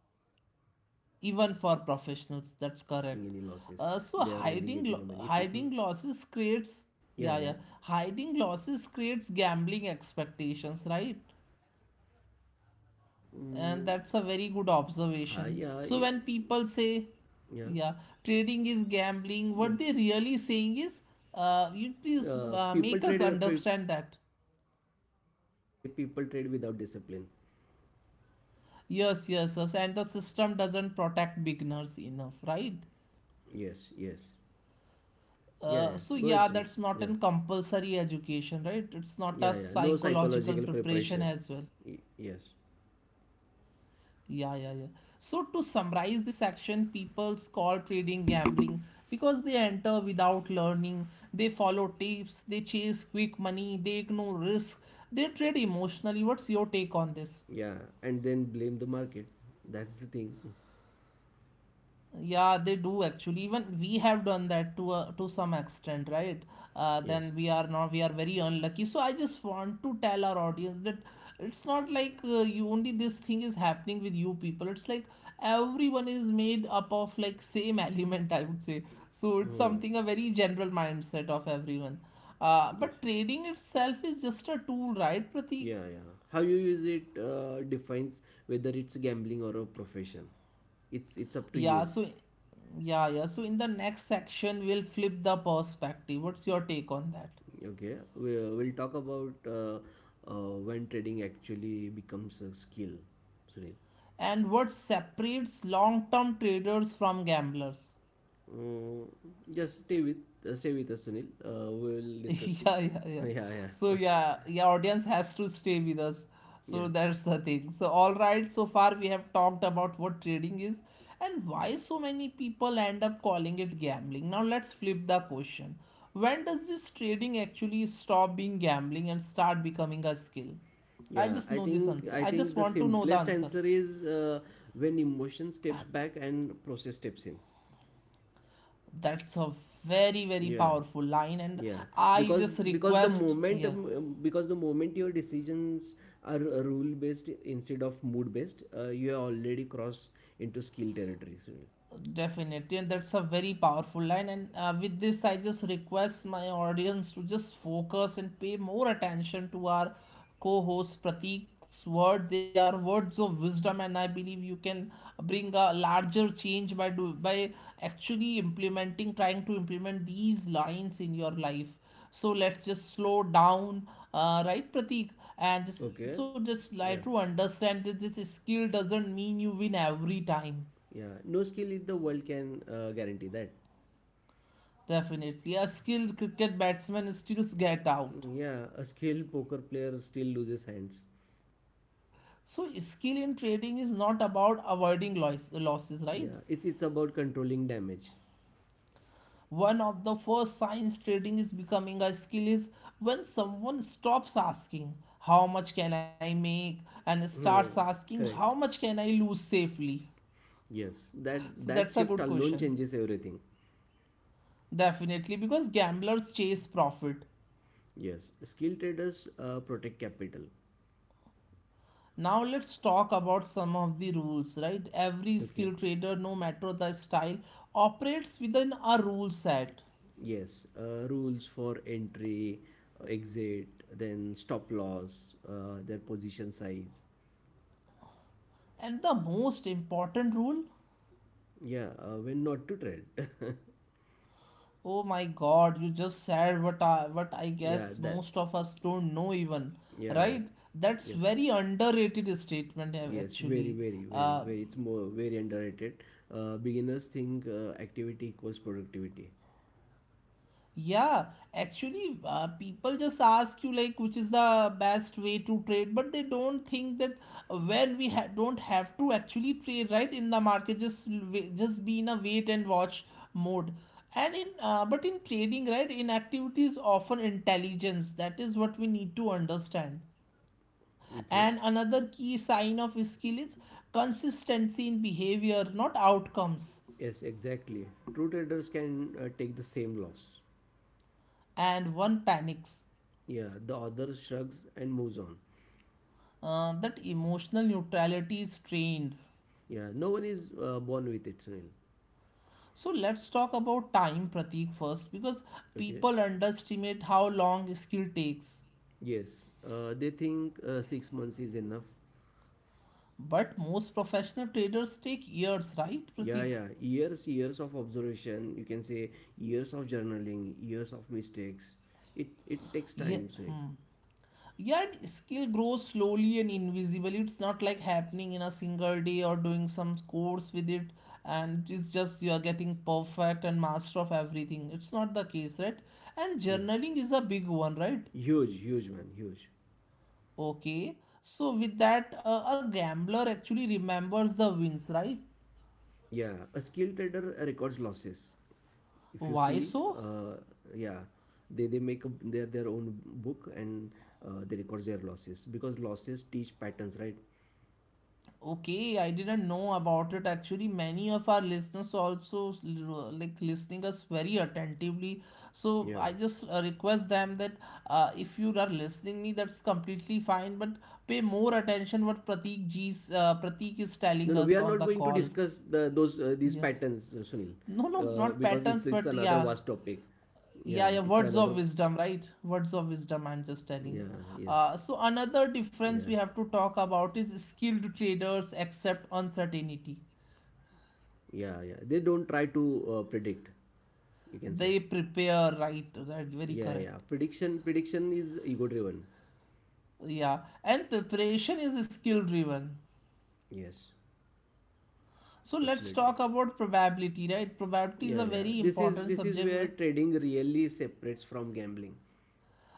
[SPEAKER 2] It's not like the
[SPEAKER 1] Even for
[SPEAKER 2] professionals are not
[SPEAKER 1] professionals,
[SPEAKER 2] making any
[SPEAKER 1] that's
[SPEAKER 2] losses.
[SPEAKER 1] correct.
[SPEAKER 2] They are
[SPEAKER 1] uh,
[SPEAKER 2] only
[SPEAKER 1] so
[SPEAKER 2] getting a money. It's
[SPEAKER 1] hiding lo-
[SPEAKER 2] not like
[SPEAKER 1] hiding
[SPEAKER 2] that.
[SPEAKER 1] losses
[SPEAKER 2] Yeah,
[SPEAKER 1] creates,
[SPEAKER 2] yeah.
[SPEAKER 1] yeah, yeah, hiding losses creates gambling expectations, right?
[SPEAKER 2] Mm.
[SPEAKER 1] And that's a very
[SPEAKER 2] uh,
[SPEAKER 1] good
[SPEAKER 2] yeah y-
[SPEAKER 1] observation. So when people
[SPEAKER 2] yeah,
[SPEAKER 1] say, yeah, trading is
[SPEAKER 2] yeah.
[SPEAKER 1] gambling, what they really saying is, you please
[SPEAKER 2] People trade,
[SPEAKER 1] make us
[SPEAKER 2] people
[SPEAKER 1] understand
[SPEAKER 2] trade
[SPEAKER 1] that.
[SPEAKER 2] without, you can say, people trade without discipline.
[SPEAKER 1] Yes, yes, yes, and the system doesn't protect beginners enough, right?
[SPEAKER 2] Yes, yes. Yeah, yeah,
[SPEAKER 1] Uh,
[SPEAKER 2] go
[SPEAKER 1] so
[SPEAKER 2] ahead,
[SPEAKER 1] yeah,
[SPEAKER 2] Sunil.
[SPEAKER 1] that's
[SPEAKER 2] Yeah,
[SPEAKER 1] not a compulsory education, right? It's not
[SPEAKER 2] yeah,
[SPEAKER 1] a
[SPEAKER 2] yeah, no psychological
[SPEAKER 1] psychological
[SPEAKER 2] preparation.
[SPEAKER 1] preparation as well.
[SPEAKER 2] Yes.
[SPEAKER 1] Yeah, yeah, yeah. So to summarize this section, people call trading gambling because they enter without learning, they follow tips, they chase quick money, they ignore risk, they trade emotionally. What's your take on this?
[SPEAKER 2] Yeah, and then blame the market. That's the thing.
[SPEAKER 1] Yeah, they do actually. Even we have done that to a, to some extent, right?
[SPEAKER 2] Yes.
[SPEAKER 1] Then we are not, we are very unlucky. So I just want to tell our audience that it's not like you only this thing is happening with you people. It's like everyone is made up of like same [laughs] element, I would say. So it's
[SPEAKER 2] Oh
[SPEAKER 1] something a very general mindset of everyone.
[SPEAKER 2] yes.
[SPEAKER 1] But trading itself is just a tool, right, Pratik?
[SPEAKER 2] Yeah, yeah. How you use it defines whether it's gambling or a profession. It's up to
[SPEAKER 1] Yeah,
[SPEAKER 2] you.
[SPEAKER 1] so yeah, yeah. So in the next section, we'll flip the perspective. What's your take on that?
[SPEAKER 2] Okay, we, we'll talk about when trading actually becomes a skill, Sunil.
[SPEAKER 1] And what separates long-term traders from gamblers?
[SPEAKER 2] Uh, just stay with us, Sunil. We'll
[SPEAKER 1] [laughs]
[SPEAKER 2] discuss.
[SPEAKER 1] Yeah, yeah,
[SPEAKER 2] [laughs]
[SPEAKER 1] yeah,
[SPEAKER 2] Yeah, yeah.
[SPEAKER 1] so
[SPEAKER 2] [laughs]
[SPEAKER 1] yeah, yeah, audience has to stay with us. So
[SPEAKER 2] Yeah,
[SPEAKER 1] that's the thing. So all right, so far we have talked about what trading is and why so many people end up calling it gambling. Now let's flip the question. When does this trading actually stop being gambling and start becoming a skill? I
[SPEAKER 2] yeah.
[SPEAKER 1] just
[SPEAKER 2] I
[SPEAKER 1] know this
[SPEAKER 2] think
[SPEAKER 1] answer,
[SPEAKER 2] I
[SPEAKER 1] I
[SPEAKER 2] think
[SPEAKER 1] just
[SPEAKER 2] the
[SPEAKER 1] want to know the
[SPEAKER 2] simplest
[SPEAKER 1] answer.
[SPEAKER 2] answer is, when emotion steps back and process steps in.
[SPEAKER 1] That's a very, very powerful line. And
[SPEAKER 2] Yeah, yeah.
[SPEAKER 1] I
[SPEAKER 2] because
[SPEAKER 1] just
[SPEAKER 2] because the
[SPEAKER 1] request,
[SPEAKER 2] moment,
[SPEAKER 1] yeah.
[SPEAKER 2] because the moment your decisions are rule based instead of mood based, you have already crossed into skill territory. So,
[SPEAKER 1] Definitely, and that's a very powerful line. And with this, I just request my audience to just focus and pay more attention to our co-host Pratik's word. They are words of wisdom, and I believe you can bring a larger change by do by actually implementing, trying to implement these lines in your life. So let's just slow down, right, Pratik? And just,
[SPEAKER 2] okay.
[SPEAKER 1] so just
[SPEAKER 2] Yeah,
[SPEAKER 1] like to understand that this skill doesn't mean you win every time.
[SPEAKER 2] yeah, no skill in the world can guarantee that.
[SPEAKER 1] Definitely. A skilled cricket batsman still get out.
[SPEAKER 2] Yeah, a skilled poker player still loses hands.
[SPEAKER 1] So, skill in trading is not about avoiding losses, right?
[SPEAKER 2] Yeah, it's about controlling damage.
[SPEAKER 1] One of the first signs trading is becoming a skill is when someone stops asking, "How much can I make?" and
[SPEAKER 2] Hmm,
[SPEAKER 1] starts asking,
[SPEAKER 2] correct.
[SPEAKER 1] "How much can I lose safely?"
[SPEAKER 2] Yes, that
[SPEAKER 1] So, that's a
[SPEAKER 2] shift
[SPEAKER 1] good
[SPEAKER 2] alone
[SPEAKER 1] question.
[SPEAKER 2] changes everything.
[SPEAKER 1] Definitely, because gamblers chase profit.
[SPEAKER 2] Yes, skill traders protect capital.
[SPEAKER 1] Now let's talk about some of the rules, right? Every skill
[SPEAKER 2] Okay.
[SPEAKER 1] trader, no matter the style, operates within a rule set.
[SPEAKER 2] Yes. Rules for entry, exit, then stop loss, their position size.
[SPEAKER 1] And the most important rule,
[SPEAKER 2] Yeah. When not to trade. [laughs]
[SPEAKER 1] oh my god, you just said what I
[SPEAKER 2] Yeah.
[SPEAKER 1] guess
[SPEAKER 2] That.
[SPEAKER 1] most of us don't know even,
[SPEAKER 2] Yeah.
[SPEAKER 1] right? That's
[SPEAKER 2] Yes.
[SPEAKER 1] very underrated statement
[SPEAKER 2] Yes. Very,
[SPEAKER 1] actually.
[SPEAKER 2] very, very,
[SPEAKER 1] Uh,
[SPEAKER 2] very. It's more very underrated. Beginners think activity equals productivity.
[SPEAKER 1] Yeah, actually, people just ask you like which is the best way to trade, but they don't think that when don't have to actually trade right in the market, just just be in a wait and watch mode. And in but in trading, right, inactivity is often intelligence. That is what we need to understand.
[SPEAKER 2] Okay.
[SPEAKER 1] And another key sign of skill is consistency in behavior, not outcomes.
[SPEAKER 2] Yes, exactly. True traders can take the same loss.
[SPEAKER 1] And one panics.
[SPEAKER 2] Yeah, the other shrugs and moves on.
[SPEAKER 1] That emotional neutrality is trained.
[SPEAKER 2] Yeah. No one is born with it, Sunil.
[SPEAKER 1] So let's talk about time, Pratik, first, because
[SPEAKER 2] Okay.
[SPEAKER 1] people underestimate how long skill takes.
[SPEAKER 2] Yes, they think 6 months is enough.
[SPEAKER 1] But most professional traders take years, right,
[SPEAKER 2] Yeah,
[SPEAKER 1] Pratik?
[SPEAKER 2] yeah, years, years of observation. You can say years of journaling, years of mistakes. It takes
[SPEAKER 1] Yeah.
[SPEAKER 2] time, Sunil.
[SPEAKER 1] Hmm. Yeah, skill grows slowly and invisibly. It's not like happening in a single day or doing some course with it, and it's just you are getting perfect and master of everything. It's not the case, right? And
[SPEAKER 2] Yes,
[SPEAKER 1] journaling is a big one, right?
[SPEAKER 2] huge, huge man, huge.
[SPEAKER 1] Okay, so with that, a gambler actually remembers the wins, right?
[SPEAKER 2] Yeah, a skilled trader records losses. If you see,
[SPEAKER 1] Why so?
[SPEAKER 2] yeah, they their own book and, they record their losses because losses teach patterns, right?
[SPEAKER 1] Okay, I didn't know about it. Actually, many of our listeners also like listening us very
[SPEAKER 2] Yeah.
[SPEAKER 1] attentively. So I just request them that if you are listening me, that's completely fine. But pay more attention what
[SPEAKER 2] No, no, we are not going
[SPEAKER 1] Pratik
[SPEAKER 2] to
[SPEAKER 1] is telling
[SPEAKER 2] discuss
[SPEAKER 1] us on the call.
[SPEAKER 2] these patterns, Sunil,
[SPEAKER 1] Yeah,
[SPEAKER 2] because
[SPEAKER 1] no,
[SPEAKER 2] it's
[SPEAKER 1] no,
[SPEAKER 2] it's
[SPEAKER 1] not
[SPEAKER 2] another vast
[SPEAKER 1] patterns, but
[SPEAKER 2] topic.
[SPEAKER 1] yeah,
[SPEAKER 2] Yeah, it's another
[SPEAKER 1] yeah, yeah,
[SPEAKER 2] vast
[SPEAKER 1] words
[SPEAKER 2] topic.
[SPEAKER 1] of wisdom, right,
[SPEAKER 2] [laughs]
[SPEAKER 1] words
[SPEAKER 2] Yeah,
[SPEAKER 1] of wisdom,
[SPEAKER 2] yes,
[SPEAKER 1] I'm just telling.
[SPEAKER 2] yeah,
[SPEAKER 1] So another difference we have to talk about is skilled traders accept uncertainty,
[SPEAKER 2] yeah, yeah. They don't try to, predict, you can say.
[SPEAKER 1] they prepare, right,
[SPEAKER 2] Yeah,
[SPEAKER 1] right,
[SPEAKER 2] yeah.
[SPEAKER 1] very correct.
[SPEAKER 2] Prediction is ego driven.
[SPEAKER 1] Yeah, and preparation is skill driven.
[SPEAKER 2] Yes,
[SPEAKER 1] So let's
[SPEAKER 2] absolutely.
[SPEAKER 1] talk about probability, right? Probability is
[SPEAKER 2] Yeah,
[SPEAKER 1] a
[SPEAKER 2] yeah.
[SPEAKER 1] very
[SPEAKER 2] This is
[SPEAKER 1] important
[SPEAKER 2] this is
[SPEAKER 1] subject.
[SPEAKER 2] where trading really separates from gambling.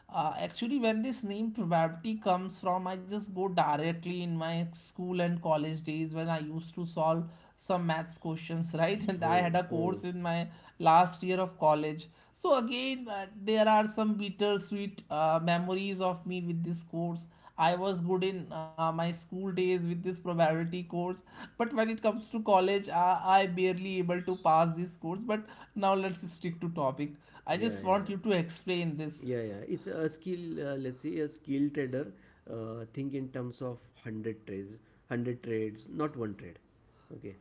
[SPEAKER 1] Actually, when this name probability comes from, I just go directly in my school and college days when I used to solve some maths questions, right? [laughs] And I
[SPEAKER 2] Oh,
[SPEAKER 1] had a
[SPEAKER 2] oh.
[SPEAKER 1] course in my last year of college. So again, there are some bittersweet memories of me with this course. I was good in my school days with this probability course, but when it comes to college, I barely able to pass this course. But now let's stick to topic. I
[SPEAKER 2] Yeah,
[SPEAKER 1] just want
[SPEAKER 2] yeah.
[SPEAKER 1] you to explain this.
[SPEAKER 2] Yeah, yeah. It's a skill. Uh, let's say a skill trader, think in terms of 100 trades, 100 trades, not one trade. Okay.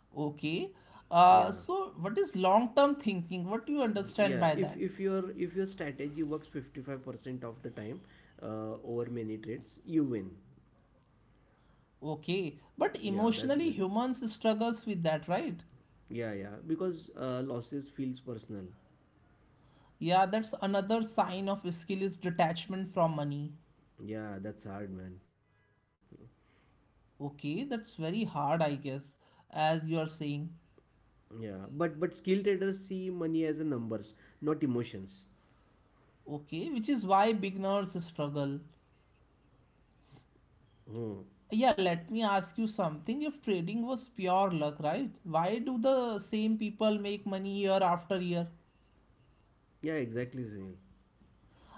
[SPEAKER 1] Okay.
[SPEAKER 2] Yeah.
[SPEAKER 1] So what is long-term thinking? What do you
[SPEAKER 2] Mhm.
[SPEAKER 1] understand
[SPEAKER 2] Yeah,
[SPEAKER 1] by that?
[SPEAKER 2] if your strategy works 55% of the time over many trades, you win.
[SPEAKER 1] Okay. But
[SPEAKER 2] Yeah,
[SPEAKER 1] emotionally,
[SPEAKER 2] that's it.
[SPEAKER 1] humans struggles with that, right?
[SPEAKER 2] Yeah, yeah, because, losses feels personal.
[SPEAKER 1] Yeah, that's another sign of skill is detachment from money.
[SPEAKER 2] Yeah, that's hard, man.
[SPEAKER 1] Okay, that's very hard, I guess, as you are
[SPEAKER 2] Yeah,
[SPEAKER 1] saying.
[SPEAKER 2] but skill traders see money as a numbers, not emotions.
[SPEAKER 1] Okay, which is why beginners struggle.
[SPEAKER 2] Oh,
[SPEAKER 1] Yeah, let me ask you something. If trading was pure luck, right? Why do the same people make money year after year?
[SPEAKER 2] yeah, exactly, Sunil.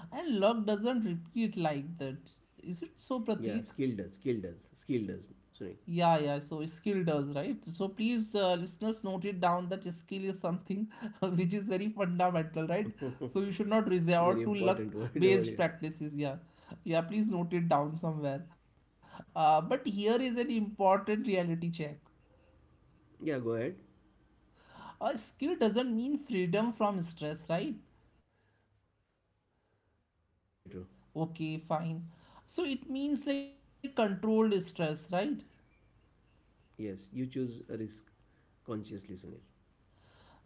[SPEAKER 1] And luck doesn't repeat like that. Is it so,
[SPEAKER 2] Yeah, skill
[SPEAKER 1] Pratik?
[SPEAKER 2] does, skill does, skill does.
[SPEAKER 1] Yeah, yeah, so skill does, right? So please, listeners, note it down that skill is something [laughs] which is very
[SPEAKER 2] Sunil, [laughs]
[SPEAKER 1] fundamental, right?
[SPEAKER 2] very
[SPEAKER 1] So you should
[SPEAKER 2] important
[SPEAKER 1] not
[SPEAKER 2] word over
[SPEAKER 1] resort to
[SPEAKER 2] here.
[SPEAKER 1] luck based practices, yeah. Yeah, please note it down somewhere. But here is an important reality check.
[SPEAKER 2] Yeah, go ahead.
[SPEAKER 1] A skill doesn't mean freedom from stress, right?
[SPEAKER 2] True, true, very true.
[SPEAKER 1] Okay, fine. So it means like controlled stress, right?
[SPEAKER 2] Yes, you choose a risk consciously, Sunil.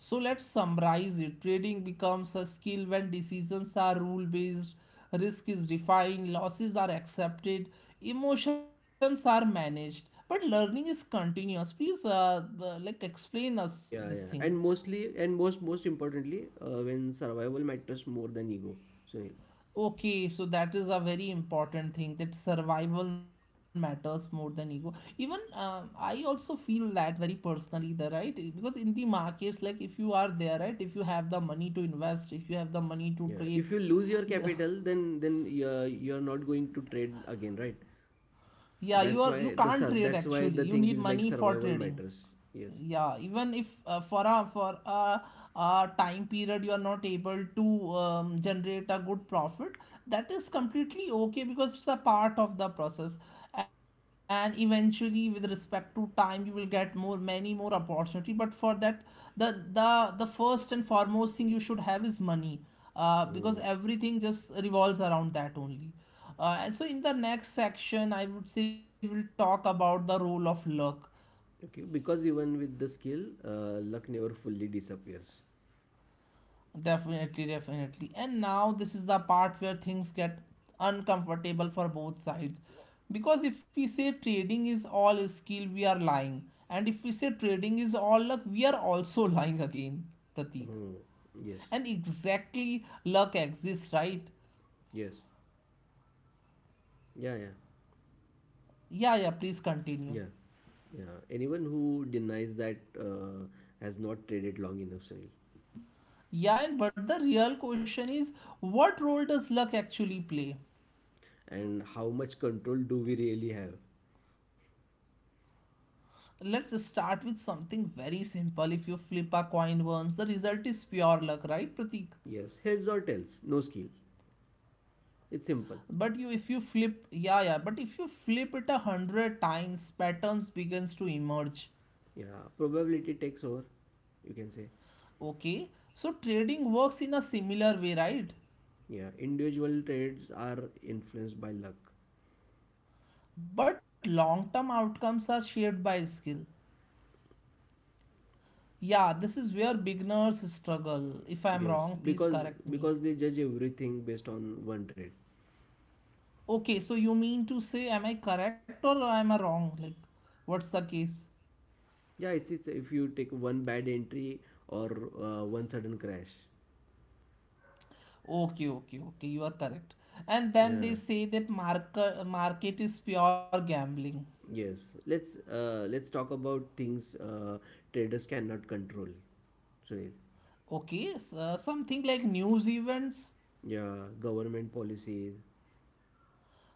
[SPEAKER 1] So let's summarize it. Trading becomes a skill when decisions are rule based, risk is defined, losses are accepted, emotions are managed. But learning is continuous. Please, like,
[SPEAKER 2] Yeah, yeah, and
[SPEAKER 1] explain us
[SPEAKER 2] mostly,
[SPEAKER 1] this
[SPEAKER 2] and
[SPEAKER 1] thing.
[SPEAKER 2] most, most importantly, when survival matters more than ego, Sunil.
[SPEAKER 1] Okay, so that is a very important thing that survival matters more than ego. Even I also feel that very personally, the right because in the markets, like if you are there, right, if you have the money to invest, if you have the
[SPEAKER 2] Yeah,
[SPEAKER 1] money
[SPEAKER 2] if
[SPEAKER 1] to
[SPEAKER 2] you lose
[SPEAKER 1] trade,
[SPEAKER 2] your capital,
[SPEAKER 1] the,
[SPEAKER 2] then you're not going to trade again, right?
[SPEAKER 1] yeah, you are, you can't trade
[SPEAKER 2] That's why the
[SPEAKER 1] actually, you
[SPEAKER 2] thing
[SPEAKER 1] need
[SPEAKER 2] is like
[SPEAKER 1] money for
[SPEAKER 2] survival
[SPEAKER 1] trading.
[SPEAKER 2] matters. Yes.
[SPEAKER 1] Yeah, even if a time period you are not able to generate a good profit, that is completely okay because it's a part of the process, and eventually with respect to time you will get more many more opportunity. But for that, the first and foremost thing you should have is money, because
[SPEAKER 2] Hmm.
[SPEAKER 1] everything just revolves around that only. And so in the next section I would say we'll talk about the role of luck.
[SPEAKER 2] Okay, because even with the skill, luck never fully disappears.
[SPEAKER 1] Definitely, definitely. And now this is the part where things get uncomfortable for both sides. Because if we say trading is all skill, we are lying. And if we say trading is all luck, we are also [laughs] lying again, Pratik.
[SPEAKER 2] Hmm. Yes,
[SPEAKER 1] And exactly luck exists, right?
[SPEAKER 2] yes, yeah, yeah,
[SPEAKER 1] Yeah, yeah, please continue.
[SPEAKER 2] yeah, yeah. Anyone who denies that has not traded long enough, Sunil.
[SPEAKER 1] Yeah, and but the real question is, what role does luck actually play?
[SPEAKER 2] And how much control do we really have?
[SPEAKER 1] Let's start with something very simple. If you flip a coin once, the result is pure luck, right, Pratik?
[SPEAKER 2] Yes, heads or tails, no skill. It's simple.
[SPEAKER 1] But you, if you flip, yeah, yeah. But if you flip it 100 times, patterns begins to emerge.
[SPEAKER 2] Yeah, probability takes over, you can say.
[SPEAKER 1] Okay, so trading works in a similar way, right?
[SPEAKER 2] Yeah, individual trades are influenced by luck.
[SPEAKER 1] But long-term outcomes are shaped by skill. Yeah, this is where beginners struggle. If I'm
[SPEAKER 2] Yes,
[SPEAKER 1] wrong, please
[SPEAKER 2] because
[SPEAKER 1] correct me.
[SPEAKER 2] because they judge everything based on one trade.
[SPEAKER 1] Okay, so you mean to say, am I correct or am I wrong? Like, what's the case?
[SPEAKER 2] Yeah, it's if you take one bad entry or, one sudden crash.
[SPEAKER 1] Okay, okay, okay. You are correct. And then they
[SPEAKER 2] Yeah.
[SPEAKER 1] say that market is pure gambling.
[SPEAKER 2] Yes. Let's, let's talk about things traders cannot control, Sunil.
[SPEAKER 1] Okay, something like news events.
[SPEAKER 2] Yeah, government policies.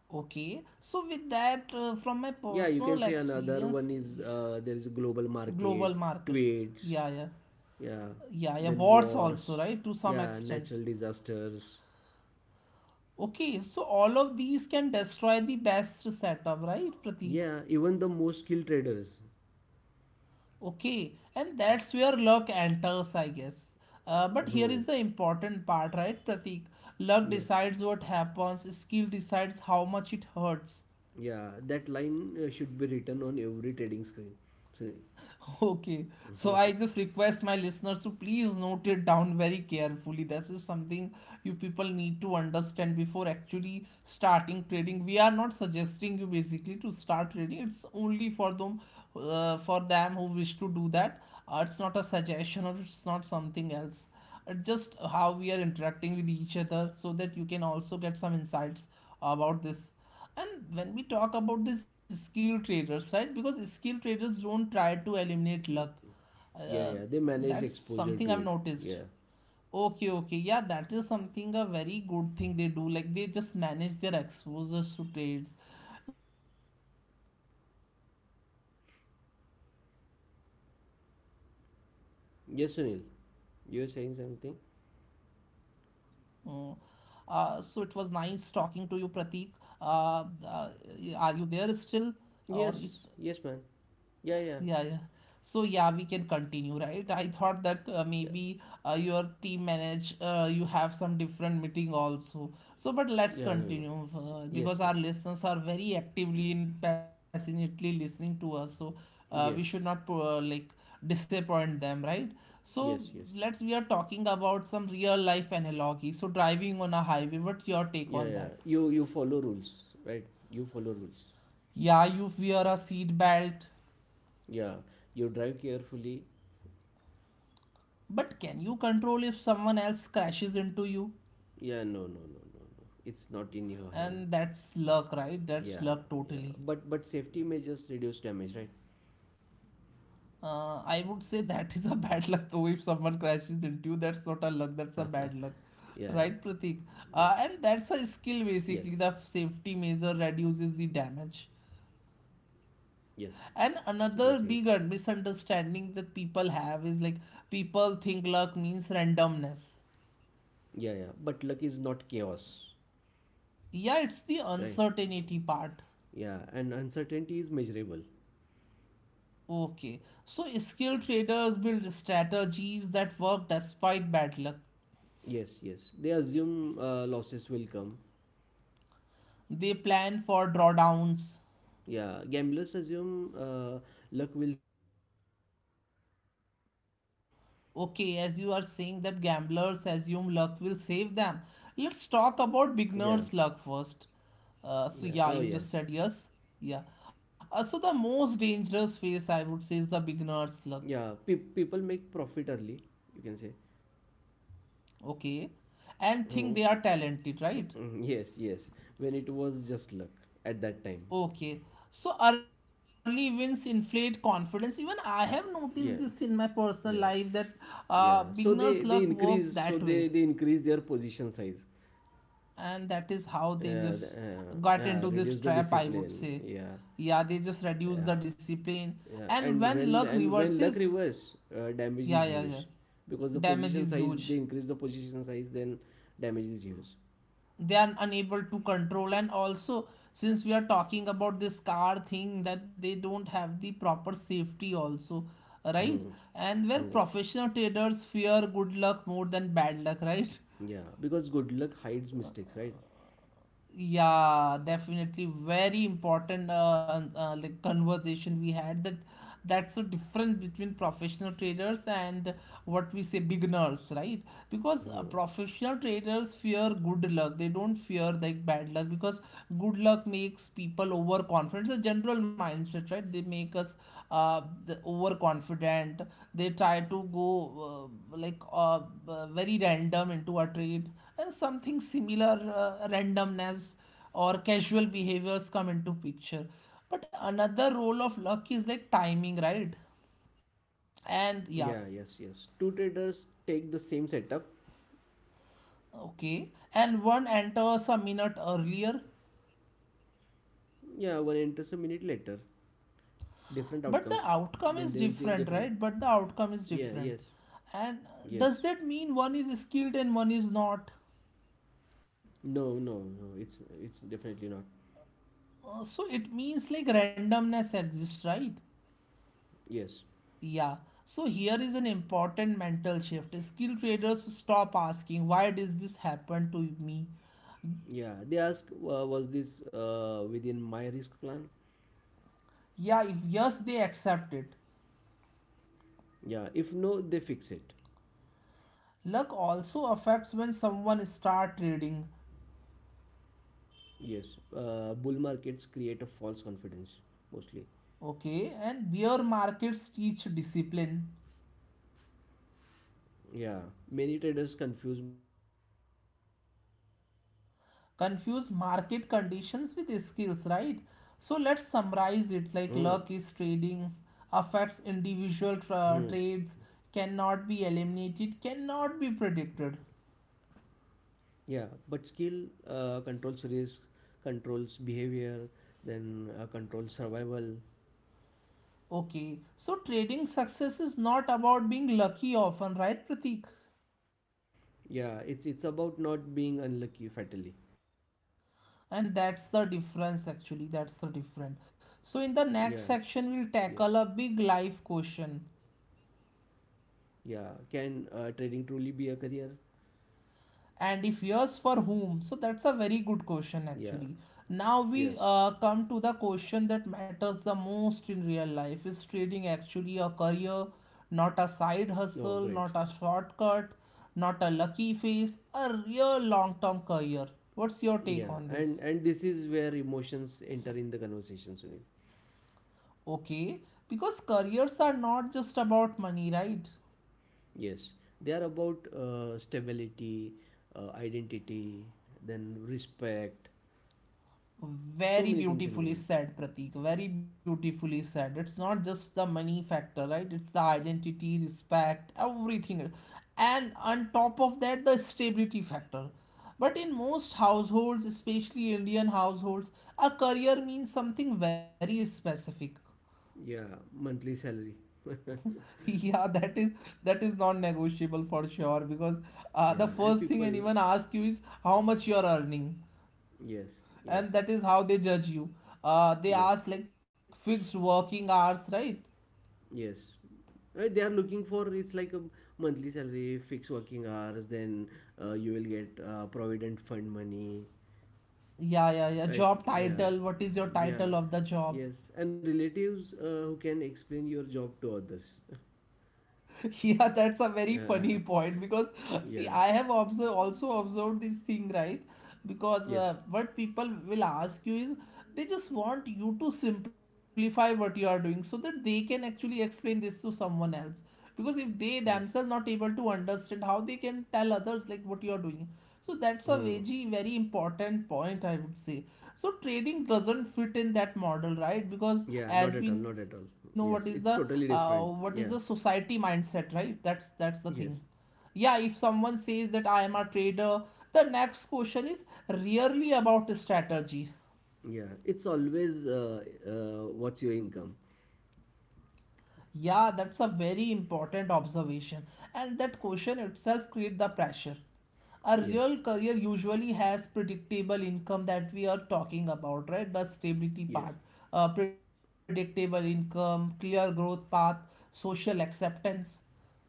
[SPEAKER 1] Okay, so with that, from my
[SPEAKER 2] Yeah, you can
[SPEAKER 1] personal
[SPEAKER 2] say another one
[SPEAKER 1] experience,
[SPEAKER 2] is, there is a global market,
[SPEAKER 1] global markets.
[SPEAKER 2] trades.
[SPEAKER 1] Yeah, yeah,
[SPEAKER 2] Yeah,
[SPEAKER 1] yeah, yeah.
[SPEAKER 2] then
[SPEAKER 1] Wars also,
[SPEAKER 2] wars.
[SPEAKER 1] right? To some
[SPEAKER 2] Yeah,
[SPEAKER 1] extent.
[SPEAKER 2] natural disasters.
[SPEAKER 1] Okay, so all of these can destroy the best setup, right, Pratik?
[SPEAKER 2] Yeah, even the most skilled traders.
[SPEAKER 1] Okay, and that's where luck enters, I guess. But here
[SPEAKER 2] Hmm.
[SPEAKER 1] is the important part, right, Pratik? Luck
[SPEAKER 2] Yeah.
[SPEAKER 1] decides what happens, skill decides how much it hurts.
[SPEAKER 2] Yeah, that line should be written on every trading screen, Sunil.
[SPEAKER 1] [laughs] Okay, so I
[SPEAKER 2] [laughs]
[SPEAKER 1] just request my listeners to please note it down very carefully. This is something you people need to understand before actually starting trading. We are not suggesting you basically to start trading. It's only for them who wish to do that. It's not a suggestion or it's not something else. Just how we are interacting with each other, so that you can also get some insights about this. And when we talk about this skill traders, right? Because skill traders don't try to eliminate luck.
[SPEAKER 2] Yeah,
[SPEAKER 1] Uh,
[SPEAKER 2] yeah, they manage
[SPEAKER 1] that's
[SPEAKER 2] exposure
[SPEAKER 1] something
[SPEAKER 2] to
[SPEAKER 1] I've
[SPEAKER 2] it.
[SPEAKER 1] noticed.
[SPEAKER 2] Yeah.
[SPEAKER 1] Okay, okay, yeah, that is something a very good thing they do. Like they just manage their exposures to trades. Let's use a real life analogy. Driving on a highway. What's your take on that?
[SPEAKER 2] Yes, Sunil. You're saying something?
[SPEAKER 1] Mm, so it was nice talking to you, Pratik. Uh, uh, are you there still, or is
[SPEAKER 2] Yes, yes, man. Yeah, yeah,
[SPEAKER 1] Yeah, yeah. So yeah, we can continue, right? I thought that
[SPEAKER 2] yeah,
[SPEAKER 1] maybe your team manage, you have some different meeting also. So, but let's
[SPEAKER 2] yeah. No, no.
[SPEAKER 1] continue
[SPEAKER 2] Yes,
[SPEAKER 1] because our
[SPEAKER 2] yes,
[SPEAKER 1] listeners are very actively and passionately listening to us. So, we
[SPEAKER 2] yes,
[SPEAKER 1] should not like disappoint them, right? So,
[SPEAKER 2] yes, yes.
[SPEAKER 1] let's we are talking about some real life analogy. So, driving on a highway. What's your take
[SPEAKER 2] Yeah,
[SPEAKER 1] on
[SPEAKER 2] yeah.
[SPEAKER 1] that?
[SPEAKER 2] You follow rules, right? You follow rules.
[SPEAKER 1] Yeah, you wear a seat belt,
[SPEAKER 2] Yeah, you drive carefully.
[SPEAKER 1] but can you control if someone else crashes into you?
[SPEAKER 2] Yeah. No, no, no, no, no. It's not in your hand.
[SPEAKER 1] And that's luck, right? That's
[SPEAKER 2] Yeah,
[SPEAKER 1] luck
[SPEAKER 2] yeah.
[SPEAKER 1] totally.
[SPEAKER 2] But safety measures reduce damage,
[SPEAKER 1] I would say that is a [laughs] bad luck. Though if someone
[SPEAKER 2] right?
[SPEAKER 1] crashes into
[SPEAKER 2] [laughs]
[SPEAKER 1] you, that's not a luck,
[SPEAKER 2] Yeah,
[SPEAKER 1] that's a bad
[SPEAKER 2] yeah.
[SPEAKER 1] luck,
[SPEAKER 2] Yes.
[SPEAKER 1] right, Pratik? And
[SPEAKER 2] Yes.
[SPEAKER 1] that's a skill, basically the safety measure reduces the damage.
[SPEAKER 2] Yes, you can say
[SPEAKER 1] And
[SPEAKER 2] it.
[SPEAKER 1] another big misunderstanding that people have is like people think luck means randomness.
[SPEAKER 2] Yeah, yeah. But luck is not chaos,
[SPEAKER 1] Yeah, it's the
[SPEAKER 2] right?
[SPEAKER 1] uncertainty part.
[SPEAKER 2] Yeah, and uncertainty is measurable.
[SPEAKER 1] Okay, so skilled traders build strategies that work despite bad luck.
[SPEAKER 2] Yes, yes. They assume, losses will come.
[SPEAKER 1] They plan for drawdowns.
[SPEAKER 2] Yeah, gamblers assume, luck will save them.
[SPEAKER 1] Okay, as you are saying that gamblers assume luck will save them. Let's talk
[SPEAKER 2] Yeah,
[SPEAKER 1] about beginner's luck first.
[SPEAKER 2] yeah. Oh, yes.
[SPEAKER 1] So yeah, you just said yes. Yeah. So the most dangerous phase I would say is the beginner's
[SPEAKER 2] Yeah,
[SPEAKER 1] luck.
[SPEAKER 2] people make profit early, you can say.
[SPEAKER 1] Okay.
[SPEAKER 2] Mm.
[SPEAKER 1] And think they are
[SPEAKER 2] [laughs]
[SPEAKER 1] talented, right?
[SPEAKER 2] Mm, yes, yes. When it was just luck at that time.
[SPEAKER 1] Okay. So early wins inflate confidence. Even I have noticed this
[SPEAKER 2] Yeah,
[SPEAKER 1] in my personal
[SPEAKER 2] yeah.
[SPEAKER 1] life that
[SPEAKER 2] Yeah, so
[SPEAKER 1] beginner's
[SPEAKER 2] they they
[SPEAKER 1] luck work
[SPEAKER 2] increase so
[SPEAKER 1] that way.
[SPEAKER 2] they they increase their position size,
[SPEAKER 1] And that is how they
[SPEAKER 2] uh,
[SPEAKER 1] just got into this
[SPEAKER 2] reduce the
[SPEAKER 1] trap, I would
[SPEAKER 2] discipline.
[SPEAKER 1] say.
[SPEAKER 2] Yeah,
[SPEAKER 1] Yeah, they just reduce
[SPEAKER 2] yeah,
[SPEAKER 1] the discipline.
[SPEAKER 2] yeah.
[SPEAKER 1] And
[SPEAKER 2] And
[SPEAKER 1] when luck
[SPEAKER 2] when luck
[SPEAKER 1] reverses,
[SPEAKER 2] reverse, damage
[SPEAKER 1] yeah,
[SPEAKER 2] is
[SPEAKER 1] yeah, yeah,
[SPEAKER 2] huge, because
[SPEAKER 1] damage is huge.
[SPEAKER 2] they increase the position size, then damage is huge.
[SPEAKER 1] They are unable to control, and also since we are talking about this car thing, that they don't have the proper safety also, right?
[SPEAKER 2] Hmm.
[SPEAKER 1] And where
[SPEAKER 2] Hmm.
[SPEAKER 1] professional traders fear good luck more than bad luck, right? [laughs]
[SPEAKER 2] Yeah, because good luck hides mistakes, right?
[SPEAKER 1] Yeah, definitely very important like conversation we had, that that's the difference between professional traders and what we say beginners, right? Because
[SPEAKER 2] Hmm.
[SPEAKER 1] professional traders fear good luck. They don't fear like bad luck because good luck makes people overconfident. It's a general mindset, right? They make us the overconfident. They try to go like very random into a trade and something similar, randomness or casual behaviors come into picture. But another role of luck is like timing, right?
[SPEAKER 2] Yeah, yes, yes. Two
[SPEAKER 1] And yeah,
[SPEAKER 2] traders take the same setup.
[SPEAKER 1] okay, and one enters a minute earlier,
[SPEAKER 2] Yeah, one enters a minute later, different outcomes.
[SPEAKER 1] but the
[SPEAKER 2] Then they will
[SPEAKER 1] outcome
[SPEAKER 2] see
[SPEAKER 1] is
[SPEAKER 2] different.
[SPEAKER 1] different, right but the outcome
[SPEAKER 2] Yeah,
[SPEAKER 1] is
[SPEAKER 2] yes.
[SPEAKER 1] different And
[SPEAKER 2] Yes.
[SPEAKER 1] does that mean one is skilled and one is not?
[SPEAKER 2] No, no, no. It's definitely not.
[SPEAKER 1] So it means like randomness exists, right?
[SPEAKER 2] Yes.
[SPEAKER 1] Yeah. So here is an important mental shift. Skill traders stop asking, why does this happen to me?
[SPEAKER 2] Yeah, they ask, was this within my risk plan?
[SPEAKER 1] Yeah, if yes, they accept it.
[SPEAKER 2] Yeah. If no, they fix it.
[SPEAKER 1] Luck also affects when someone start trading.
[SPEAKER 2] Yes. Bull markets create a false confidence, mostly.
[SPEAKER 1] Okay, and bear markets teach discipline.
[SPEAKER 2] Yeah. Many traders confuse market conditions with skill.
[SPEAKER 1] Confuse market conditions with skills, right? So let's
[SPEAKER 2] Hmm.
[SPEAKER 1] summarize it like luck is trading, affects
[SPEAKER 2] Hmm.
[SPEAKER 1] individual trades, cannot be eliminated, cannot be predicted.
[SPEAKER 2] Yeah. But skill controls risk, controls behavior, then controls survival.
[SPEAKER 1] Okay, so trading success is not about being lucky often, right, Pratik?
[SPEAKER 2] Yeah. It's about not being unlucky fatally.
[SPEAKER 1] And that's the difference actually, that's the
[SPEAKER 2] Yeah,
[SPEAKER 1] difference. So in the
[SPEAKER 2] yes.
[SPEAKER 1] next section, we'll tackle a big life question,
[SPEAKER 2] Yeah. Can trading truly be a career?
[SPEAKER 1] and if yes, for whom? So that's a very good
[SPEAKER 2] Yeah.
[SPEAKER 1] question actually.
[SPEAKER 2] Yes.
[SPEAKER 1] Now we come to the question that matters the most in real life, is trading actually a career? Not a side
[SPEAKER 2] Oh, great.
[SPEAKER 1] hustle, not a shortcut, not a lucky face, a real long term career. What's your
[SPEAKER 2] Yeah.
[SPEAKER 1] take on
[SPEAKER 2] And
[SPEAKER 1] this?
[SPEAKER 2] this is where emotions enter in the conversation, Sunil.
[SPEAKER 1] Okay, because careers are not just about money, right?
[SPEAKER 2] Yes. They are about, stability, identity, then respect. So
[SPEAKER 1] Very
[SPEAKER 2] many things
[SPEAKER 1] beautifully
[SPEAKER 2] involved.
[SPEAKER 1] said, Pratik. Very beautifully said. It's not just the money factor, right? It's the identity, respect, everything. And on top of that, the stability factor. But in most households, especially Indian households, a career means something very specific. [laughs]
[SPEAKER 2] Yeah. Monthly salary. [laughs]
[SPEAKER 1] Yeah, that is non-negotiable for sure because the
[SPEAKER 2] Yeah.
[SPEAKER 1] first
[SPEAKER 2] And
[SPEAKER 1] thing
[SPEAKER 2] people.
[SPEAKER 1] anyone asks you is how much you are earning.
[SPEAKER 2] Yes.
[SPEAKER 1] And
[SPEAKER 2] Yes.
[SPEAKER 1] that is how they judge you. They
[SPEAKER 2] Yes.
[SPEAKER 1] ask like fixed working hours, right?
[SPEAKER 2] Yes. They are looking for, it's like a monthly salary, fixed working hours, then you will get provident fund money.
[SPEAKER 1] Yeah, yeah, yeah,
[SPEAKER 2] Right?
[SPEAKER 1] job
[SPEAKER 2] Yeah.
[SPEAKER 1] title, what is your title
[SPEAKER 2] Yeah.
[SPEAKER 1] of the job?
[SPEAKER 2] Yes. And relatives who can explain your job to others.
[SPEAKER 1] [laughs] Yeah, that's a very
[SPEAKER 2] [laughs]
[SPEAKER 1] funny point
[SPEAKER 2] Yeah.
[SPEAKER 1] because see, I
[SPEAKER 2] Yeah.
[SPEAKER 1] have observed, also observed this thing, right? Because
[SPEAKER 2] Yes.
[SPEAKER 1] what people will ask you is they just want you to simplify what you are doing so that they can actually explain this to someone else. Because if they themselves
[SPEAKER 2] Yes.
[SPEAKER 1] not able to understand, how they can tell others like what you are doing. So that's a
[SPEAKER 2] Hmm.
[SPEAKER 1] very very important point, I would say. So trading doesn't fit in that model, right? Because
[SPEAKER 2] Yeah, not
[SPEAKER 1] as
[SPEAKER 2] at
[SPEAKER 1] we
[SPEAKER 2] all,
[SPEAKER 1] know,
[SPEAKER 2] not at all. Yes, it's
[SPEAKER 1] what
[SPEAKER 2] totally
[SPEAKER 1] is the
[SPEAKER 2] different.
[SPEAKER 1] society
[SPEAKER 2] Yeah.
[SPEAKER 1] mindset, right? That's the thing.
[SPEAKER 2] Yes.
[SPEAKER 1] Yeah, if someone says that I am a trader, the next question is really about strategy.
[SPEAKER 2] Yeah. It's always, what's your income?
[SPEAKER 1] Yeah, that's a very important observation, and that question itself creates the pressure. A
[SPEAKER 2] Yes.
[SPEAKER 1] real career usually has predictable income that we are talking about, right? The stability
[SPEAKER 2] Yes.
[SPEAKER 1] part, predictable income, clear growth path, social acceptance.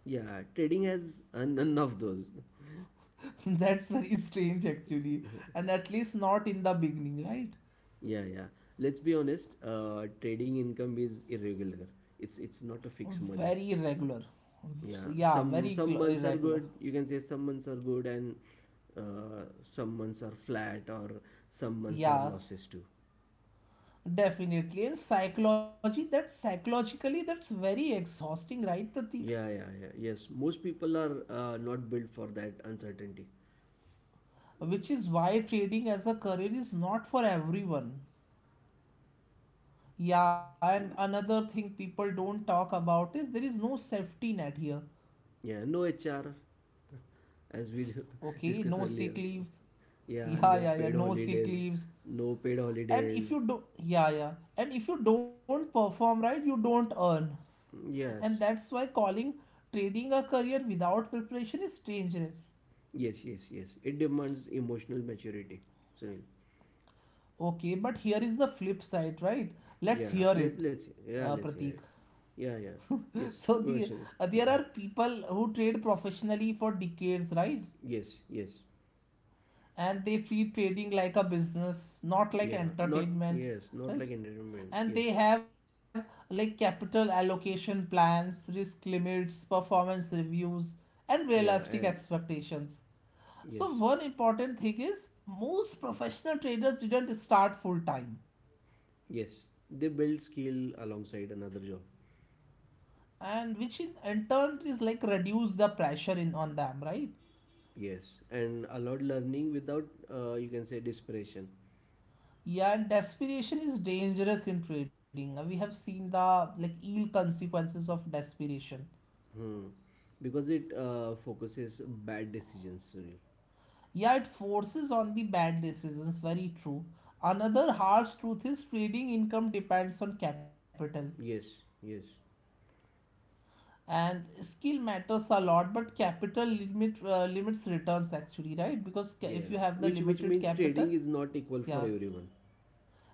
[SPEAKER 2] Yeah, trading has, none of those.
[SPEAKER 1] [laughs] That's very strange, actually, and at least not in the beginning, right?
[SPEAKER 2] Yeah, yeah. Let's be honest. Trading income is irregular. It's not a fixed money.
[SPEAKER 1] Very irregular.
[SPEAKER 2] Yeah,
[SPEAKER 1] Yeah, very
[SPEAKER 2] some months are
[SPEAKER 1] irregular.
[SPEAKER 2] good. You can say some months are good and, uh, some months are flat or some months are
[SPEAKER 1] Yeah,
[SPEAKER 2] losses too.
[SPEAKER 1] definitely. And psychology, that psychologically, that's very exhausting, right, Pratik?
[SPEAKER 2] Yeah, yeah, yeah. Yes, most people are, not built for that uncertainty.
[SPEAKER 1] Which is why trading as a career is not for everyone. Yeah, and another thing people don't talk about is there is no safety net here.
[SPEAKER 2] Yeah, no HR, as we [laughs]
[SPEAKER 1] Okay, no
[SPEAKER 2] discussed
[SPEAKER 1] sick
[SPEAKER 2] earlier.
[SPEAKER 1] leaves.
[SPEAKER 2] Yeah,
[SPEAKER 1] Yeah,
[SPEAKER 2] no
[SPEAKER 1] yeah, yeah,
[SPEAKER 2] paid
[SPEAKER 1] no sick
[SPEAKER 2] holidays,
[SPEAKER 1] leaves.
[SPEAKER 2] no paid
[SPEAKER 1] And if
[SPEAKER 2] holidays.
[SPEAKER 1] you do, yeah, yeah. And if you don't perform right, you don't earn. And
[SPEAKER 2] Yes,
[SPEAKER 1] that's why calling trading a career without preparation is dangerous.
[SPEAKER 2] yes, yes, yes. It demands emotional maturity, Sunil.
[SPEAKER 1] Okay, but here is the flip side, right? Let's
[SPEAKER 2] Yeah,
[SPEAKER 1] hear it,
[SPEAKER 2] yeah, let's
[SPEAKER 1] Pratik.
[SPEAKER 2] hear it. Yeah, yeah.
[SPEAKER 1] [laughs]
[SPEAKER 2] Yes,
[SPEAKER 1] So
[SPEAKER 2] go
[SPEAKER 1] the
[SPEAKER 2] ahead, Sunil.
[SPEAKER 1] there
[SPEAKER 2] No.
[SPEAKER 1] are people who trade professionally for decades, right?
[SPEAKER 2] Yes, yes.
[SPEAKER 1] And they treat trading like a business, not like
[SPEAKER 2] Yeah, not,
[SPEAKER 1] entertainment,
[SPEAKER 2] yes, not
[SPEAKER 1] right?
[SPEAKER 2] like entertainment.
[SPEAKER 1] And they
[SPEAKER 2] Yes,
[SPEAKER 1] have like capital allocation plans, risk limits, performance reviews, and realistic
[SPEAKER 2] yeah, and
[SPEAKER 1] expectations. So
[SPEAKER 2] yes,
[SPEAKER 1] one important thing is most professional traders didn't start full time.
[SPEAKER 2] yes. They build skill alongside another job.
[SPEAKER 1] And which in turn is like reduce the pressure in on them, right?
[SPEAKER 2] Yes, and allowed learning without, you can say, desperation.
[SPEAKER 1] Yeah, and desperation is dangerous in trading. We have seen the like ill consequences of desperation.
[SPEAKER 2] Hmm. Because it focuses bad decisions, Sunil.
[SPEAKER 1] Yeah, it forces on the bad decisions, very true. Another harsh truth is trading income depends on capital.
[SPEAKER 2] Yes, yes.
[SPEAKER 1] And skill matters a lot, but capital limit limits returns actually, right? Because if
[SPEAKER 2] Yeah,
[SPEAKER 1] you have the
[SPEAKER 2] which
[SPEAKER 1] limited
[SPEAKER 2] means
[SPEAKER 1] capital,
[SPEAKER 2] trading is not equal for
[SPEAKER 1] yeah.
[SPEAKER 2] everyone.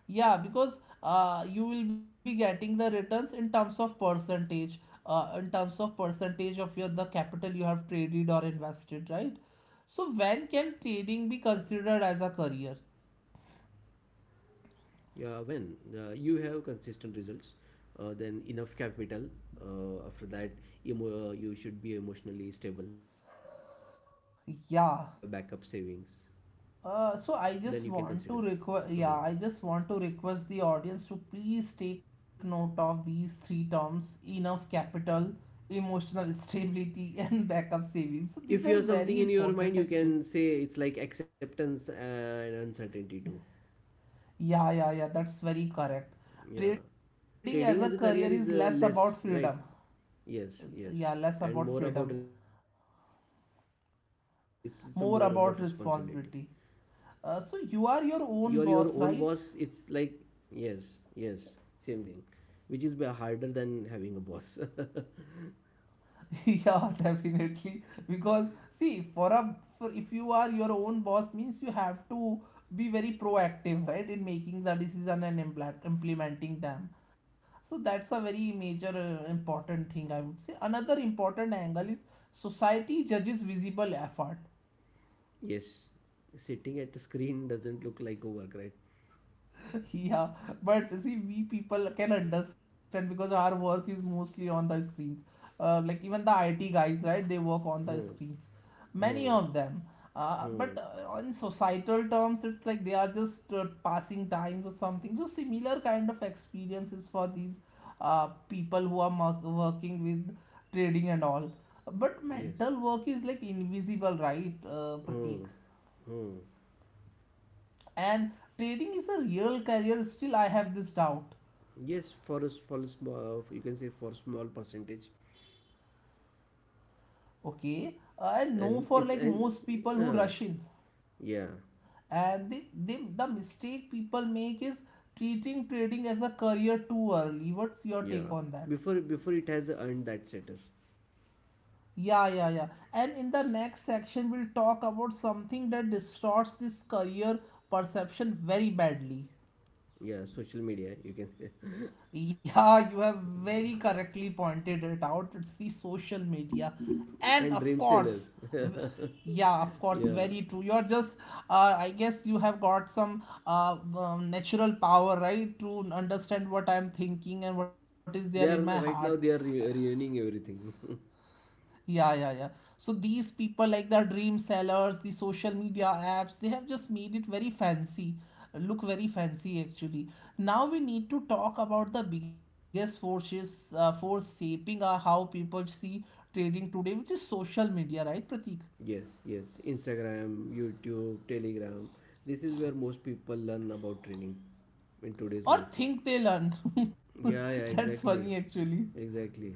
[SPEAKER 1] Yeah, because you will be getting the returns in terms of percentage, in terms of percentage of your the capital you have traded or invested, right? So when can trading be considered as a career?
[SPEAKER 2] Yeah, when you have consistent results, then enough capital. After that, you should be emotionally stable. You have backup
[SPEAKER 1] Yeah.
[SPEAKER 2] savings. Then
[SPEAKER 1] So
[SPEAKER 2] you can
[SPEAKER 1] I just
[SPEAKER 2] consider.
[SPEAKER 1] want to
[SPEAKER 2] Mhm.
[SPEAKER 1] request, yeah, I just want to request the audience to please take note of these three terms: enough capital, emotional stability, [laughs] and backup savings. So
[SPEAKER 2] If
[SPEAKER 1] these
[SPEAKER 2] you
[SPEAKER 1] are
[SPEAKER 2] have something
[SPEAKER 1] very
[SPEAKER 2] in your mind,
[SPEAKER 1] important
[SPEAKER 2] you
[SPEAKER 1] actually.
[SPEAKER 2] can say it's like acceptance, and uncertainty too.
[SPEAKER 1] Yeah, yeah, yeah, that's very correct.
[SPEAKER 2] Yeah,
[SPEAKER 1] Trading as a
[SPEAKER 2] trading
[SPEAKER 1] career
[SPEAKER 2] as a
[SPEAKER 1] is
[SPEAKER 2] career
[SPEAKER 1] less
[SPEAKER 2] is,
[SPEAKER 1] about freedom.
[SPEAKER 2] less, right? Yes,
[SPEAKER 1] Yeah, less
[SPEAKER 2] yes.
[SPEAKER 1] about
[SPEAKER 2] And
[SPEAKER 1] freedom,
[SPEAKER 2] more about responsibility. It's more about, it's a more about
[SPEAKER 1] more about
[SPEAKER 2] responsibility.
[SPEAKER 1] responsibility. So you are
[SPEAKER 2] You're
[SPEAKER 1] your
[SPEAKER 2] your own
[SPEAKER 1] own boss,
[SPEAKER 2] boss. It's
[SPEAKER 1] right?
[SPEAKER 2] like yes, yes, same thing, which is harder than having a boss. [laughs]
[SPEAKER 1] [laughs] Yeah, definitely. Because see, for a for if you are your own boss means you have to be very proactive, right, in making the decision and implementing them. So that's a very major important thing I would say. Another important angle is society judges visible effort.
[SPEAKER 2] Yes, sitting at a screen doesn't look like a work, right?
[SPEAKER 1] [laughs] Yeah, but see, we people can understand because our work is mostly on the screens. Like even the IT guys, right, they work on the
[SPEAKER 2] Hmm,
[SPEAKER 1] screens, many of
[SPEAKER 2] hmm,
[SPEAKER 1] them. uh, but
[SPEAKER 2] hmm.
[SPEAKER 1] uh, in societal terms, it's like they are just passing times or something, so similar kind of experiences for these people who are working with trading and all. But
[SPEAKER 2] Yes.
[SPEAKER 1] mental work is like invisible, right, Pratik?
[SPEAKER 2] Hmm, hmm.
[SPEAKER 1] And trading is a real career, still I have this doubt.
[SPEAKER 2] Yes, for us, for a small, you can say, for small percentage,
[SPEAKER 1] Okay, I know for
[SPEAKER 2] and
[SPEAKER 1] like
[SPEAKER 2] it's
[SPEAKER 1] most
[SPEAKER 2] and
[SPEAKER 1] people who rush
[SPEAKER 2] uh,
[SPEAKER 1] in,
[SPEAKER 2] yeah.
[SPEAKER 1] and the mistake people make is treating trading as a career too early. What's your
[SPEAKER 2] Yeah,
[SPEAKER 1] take on that?
[SPEAKER 2] before it has earned that status.
[SPEAKER 1] Yeah, yeah, yeah. And in the next section, we'll talk about something that distorts this career perception very badly.
[SPEAKER 2] Yeah, social media, you can say. [laughs]
[SPEAKER 1] Yeah, you have very correctly pointed it out. It's the social media. And
[SPEAKER 2] And
[SPEAKER 1] of
[SPEAKER 2] dream
[SPEAKER 1] course,
[SPEAKER 2] sellers.
[SPEAKER 1] w- yeah, of
[SPEAKER 2] [laughs]
[SPEAKER 1] course,
[SPEAKER 2] Yeah,
[SPEAKER 1] very true. You're just, I guess you have got some natural power, right, to understand what I'm thinking and what is there in my
[SPEAKER 2] they are
[SPEAKER 1] heart.
[SPEAKER 2] right now, they are reuniting everything. [laughs]
[SPEAKER 1] Yeah, yeah, yeah. So these people, like the dream sellers, the social media apps, they have just made it very fancy, look very fancy actually. Now we need to talk about the biggest force shaping how people see trading today, which is social media, right, Pratik?
[SPEAKER 2] Yes, yes, Instagram, YouTube, Telegram. This is where most people learn about training in today's
[SPEAKER 1] Or
[SPEAKER 2] life.
[SPEAKER 1] think they learn. [laughs]
[SPEAKER 2] Yeah, yeah,
[SPEAKER 1] That's funny
[SPEAKER 2] exactly,
[SPEAKER 1] actually.
[SPEAKER 2] exactly.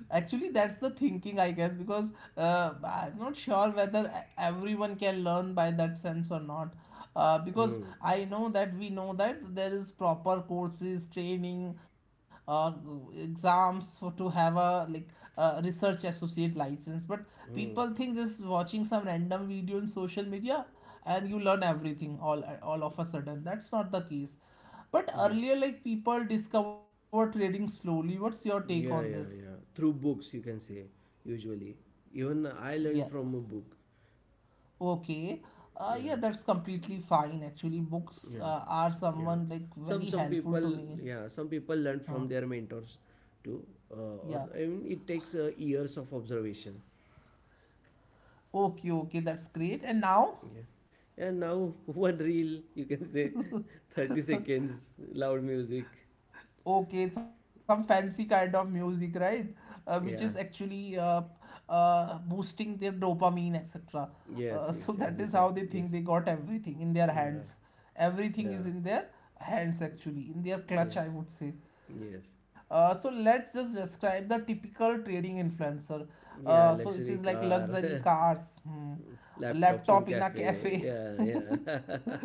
[SPEAKER 1] Actually, that's the thinking, I guess, because I'm not sure whether everyone can learn by that sense or not. Because
[SPEAKER 2] Hmm.
[SPEAKER 1] I know that we know that there is proper courses, training, uh, exams for to have a like research associate license. But
[SPEAKER 2] Hmm.
[SPEAKER 1] people think just watching some random video in social media and you learn everything all of a sudden. That's not the case. But earlier,
[SPEAKER 2] Yes.
[SPEAKER 1] like people discover trading slowly. What's your take on this?
[SPEAKER 2] Yeah, yeah, yeah. Through books, you can say, usually. Even I
[SPEAKER 1] Yeah.
[SPEAKER 2] learned from a book.
[SPEAKER 1] Okay. Yeah,
[SPEAKER 2] Yeah.
[SPEAKER 1] that's completely fine. Actually, books
[SPEAKER 2] Yeah,
[SPEAKER 1] uh, are
[SPEAKER 2] yeah.
[SPEAKER 1] someone like very
[SPEAKER 2] Some
[SPEAKER 1] helpful to
[SPEAKER 2] people,
[SPEAKER 1] me.
[SPEAKER 2] yeah, some people
[SPEAKER 1] Huh.
[SPEAKER 2] learn from their mentors too,
[SPEAKER 1] Yeah.
[SPEAKER 2] or I mean, it takes years of observation.
[SPEAKER 1] Okay, okay, that's great. And now?
[SPEAKER 2] Yeah, and now [laughs] one reel, you can say, [laughs] 30 seconds, loud music.
[SPEAKER 1] Okay, some fancy kind of music, right? Uh, which
[SPEAKER 2] Yeah,
[SPEAKER 1] is actually uh, uh, boosting their dopamine, etc.
[SPEAKER 2] yes, yes, as
[SPEAKER 1] So
[SPEAKER 2] you
[SPEAKER 1] that
[SPEAKER 2] said,
[SPEAKER 1] is how they think they
[SPEAKER 2] yes,
[SPEAKER 1] got everything in their
[SPEAKER 2] yeah,
[SPEAKER 1] hands. Everything is
[SPEAKER 2] yeah,
[SPEAKER 1] in their hands, actually, in their clutch,
[SPEAKER 2] yes,
[SPEAKER 1] I would say.
[SPEAKER 2] yes,
[SPEAKER 1] So let's just describe the typical trading influencer. So
[SPEAKER 2] yeah,
[SPEAKER 1] it is like
[SPEAKER 2] luxury car.
[SPEAKER 1] luxury
[SPEAKER 2] [laughs]
[SPEAKER 1] cars, hmm, a
[SPEAKER 2] Laptops
[SPEAKER 1] laptop
[SPEAKER 2] in
[SPEAKER 1] in a
[SPEAKER 2] cafe.
[SPEAKER 1] cafe.
[SPEAKER 2] Yeah, yeah.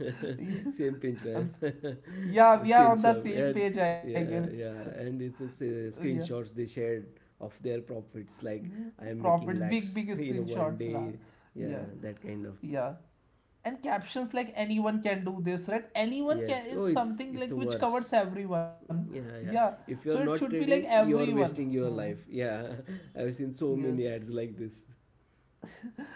[SPEAKER 2] [laughs] Same
[SPEAKER 1] [laughs]
[SPEAKER 2] pinch, man. [laughs]
[SPEAKER 1] yeah, we are on the
[SPEAKER 2] Screenshot.
[SPEAKER 1] same
[SPEAKER 2] And
[SPEAKER 1] page, I guess.
[SPEAKER 2] yeah, yeah. And it's
[SPEAKER 1] Yeah.
[SPEAKER 2] screenshots they shared of their profits. Like
[SPEAKER 1] Yeah,
[SPEAKER 2] I am making
[SPEAKER 1] profits, big,
[SPEAKER 2] lakhs [laughs]
[SPEAKER 1] big
[SPEAKER 2] in a one
[SPEAKER 1] screenshots, ra.
[SPEAKER 2] day. Yeah,
[SPEAKER 1] Yeah,
[SPEAKER 2] that kind of.
[SPEAKER 1] yeah. And captions like anyone can do this, right?
[SPEAKER 2] Yes.
[SPEAKER 1] Anyone
[SPEAKER 2] Oh,
[SPEAKER 1] can is
[SPEAKER 2] it's
[SPEAKER 1] something like
[SPEAKER 2] worse.
[SPEAKER 1] which covers everyone.
[SPEAKER 2] Yeah, yeah.
[SPEAKER 1] Yeah.
[SPEAKER 2] If you're
[SPEAKER 1] So it
[SPEAKER 2] not
[SPEAKER 1] should be like
[SPEAKER 2] trading, you're
[SPEAKER 1] everyone.
[SPEAKER 2] wasting your
[SPEAKER 1] Hmm.
[SPEAKER 2] life. Yeah, [laughs] I've seen so
[SPEAKER 1] Yeah.
[SPEAKER 2] many ads like this.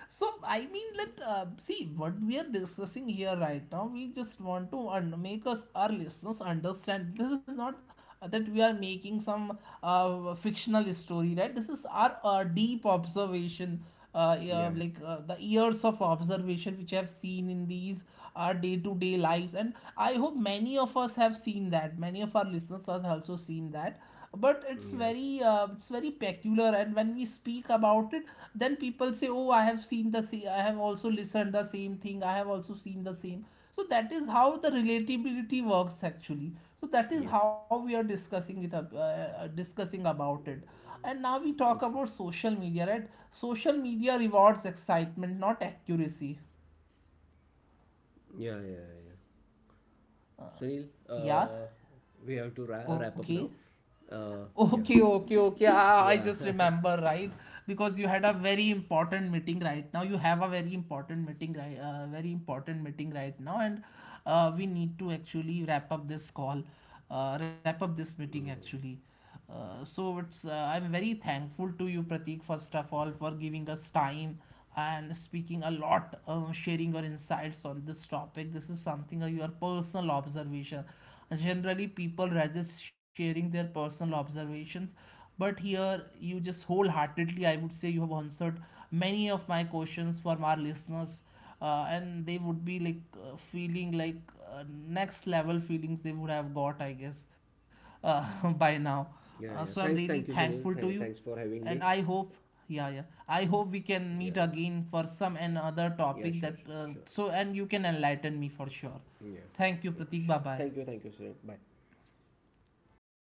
[SPEAKER 1] So I mean that, see what we are discussing here right now. We just want to make us our listeners understand. This is not that we are making some fictional story, right? This is our deep observation. Yeah,
[SPEAKER 2] Yeah,
[SPEAKER 1] like the years of observation which I have seen in these our day to day lives, and I hope many of us have seen that. Many of our listeners have also seen that, but
[SPEAKER 2] yeah.
[SPEAKER 1] it's very peculiar, and when we speak about it, then people say, oh, I have seen the same, I have also listened the same thing, I have also seen the same. So that is how the relatability works actually. So that is how
[SPEAKER 2] Yes.
[SPEAKER 1] we are discussing discussing about it. And now we talk about
[SPEAKER 2] Okay.
[SPEAKER 1] social media, right? Social media rewards excitement, not accuracy.
[SPEAKER 2] Yeah, yeah, yeah. Sunil,
[SPEAKER 1] Yeah,
[SPEAKER 2] we have to wrap up now.
[SPEAKER 1] okay.
[SPEAKER 2] Yeah,
[SPEAKER 1] Okay, okay, okay.
[SPEAKER 2] yeah.
[SPEAKER 1] I
[SPEAKER 2] [laughs]
[SPEAKER 1] just remember, right? Because you had a very important meeting right now. You have a
[SPEAKER 2] Yes,
[SPEAKER 1] very
[SPEAKER 2] yes, yes.
[SPEAKER 1] important meeting right, very important meeting right now, and we need to actually wrap up this call, wrap up
[SPEAKER 2] Mm.
[SPEAKER 1] this meeting actually. So it's I'm very thankful to you, Pratik, first of all, for giving us time and speaking a lot, sharing your insights on this topic. This is something your personal observation. Generally, people resist sharing their personal observations, but here you just wholeheartedly, I would say, you have answered many of my questions from our listeners, and they would be like feeling like next level feelings they would have got, I guess, uh, [laughs] by
[SPEAKER 2] Yeah,
[SPEAKER 1] now.
[SPEAKER 2] yeah. Thanks, thank you,
[SPEAKER 1] So I'm
[SPEAKER 2] Sunil.
[SPEAKER 1] really
[SPEAKER 2] Thanks
[SPEAKER 1] thankful
[SPEAKER 2] for
[SPEAKER 1] to you,
[SPEAKER 2] having me.
[SPEAKER 1] and I hope, yeah, yeah, I hope we
[SPEAKER 2] Yeah, yeah,
[SPEAKER 1] can meet again for some
[SPEAKER 2] yeah.
[SPEAKER 1] another
[SPEAKER 2] Sure, sure,
[SPEAKER 1] topic that
[SPEAKER 2] sure.
[SPEAKER 1] So and you can enlighten me for sure.
[SPEAKER 2] Yeah,
[SPEAKER 1] Thank
[SPEAKER 2] yeah,
[SPEAKER 1] you,
[SPEAKER 2] sure.
[SPEAKER 1] Pratik, bye bye.
[SPEAKER 2] Thank you, Sunil. Bye.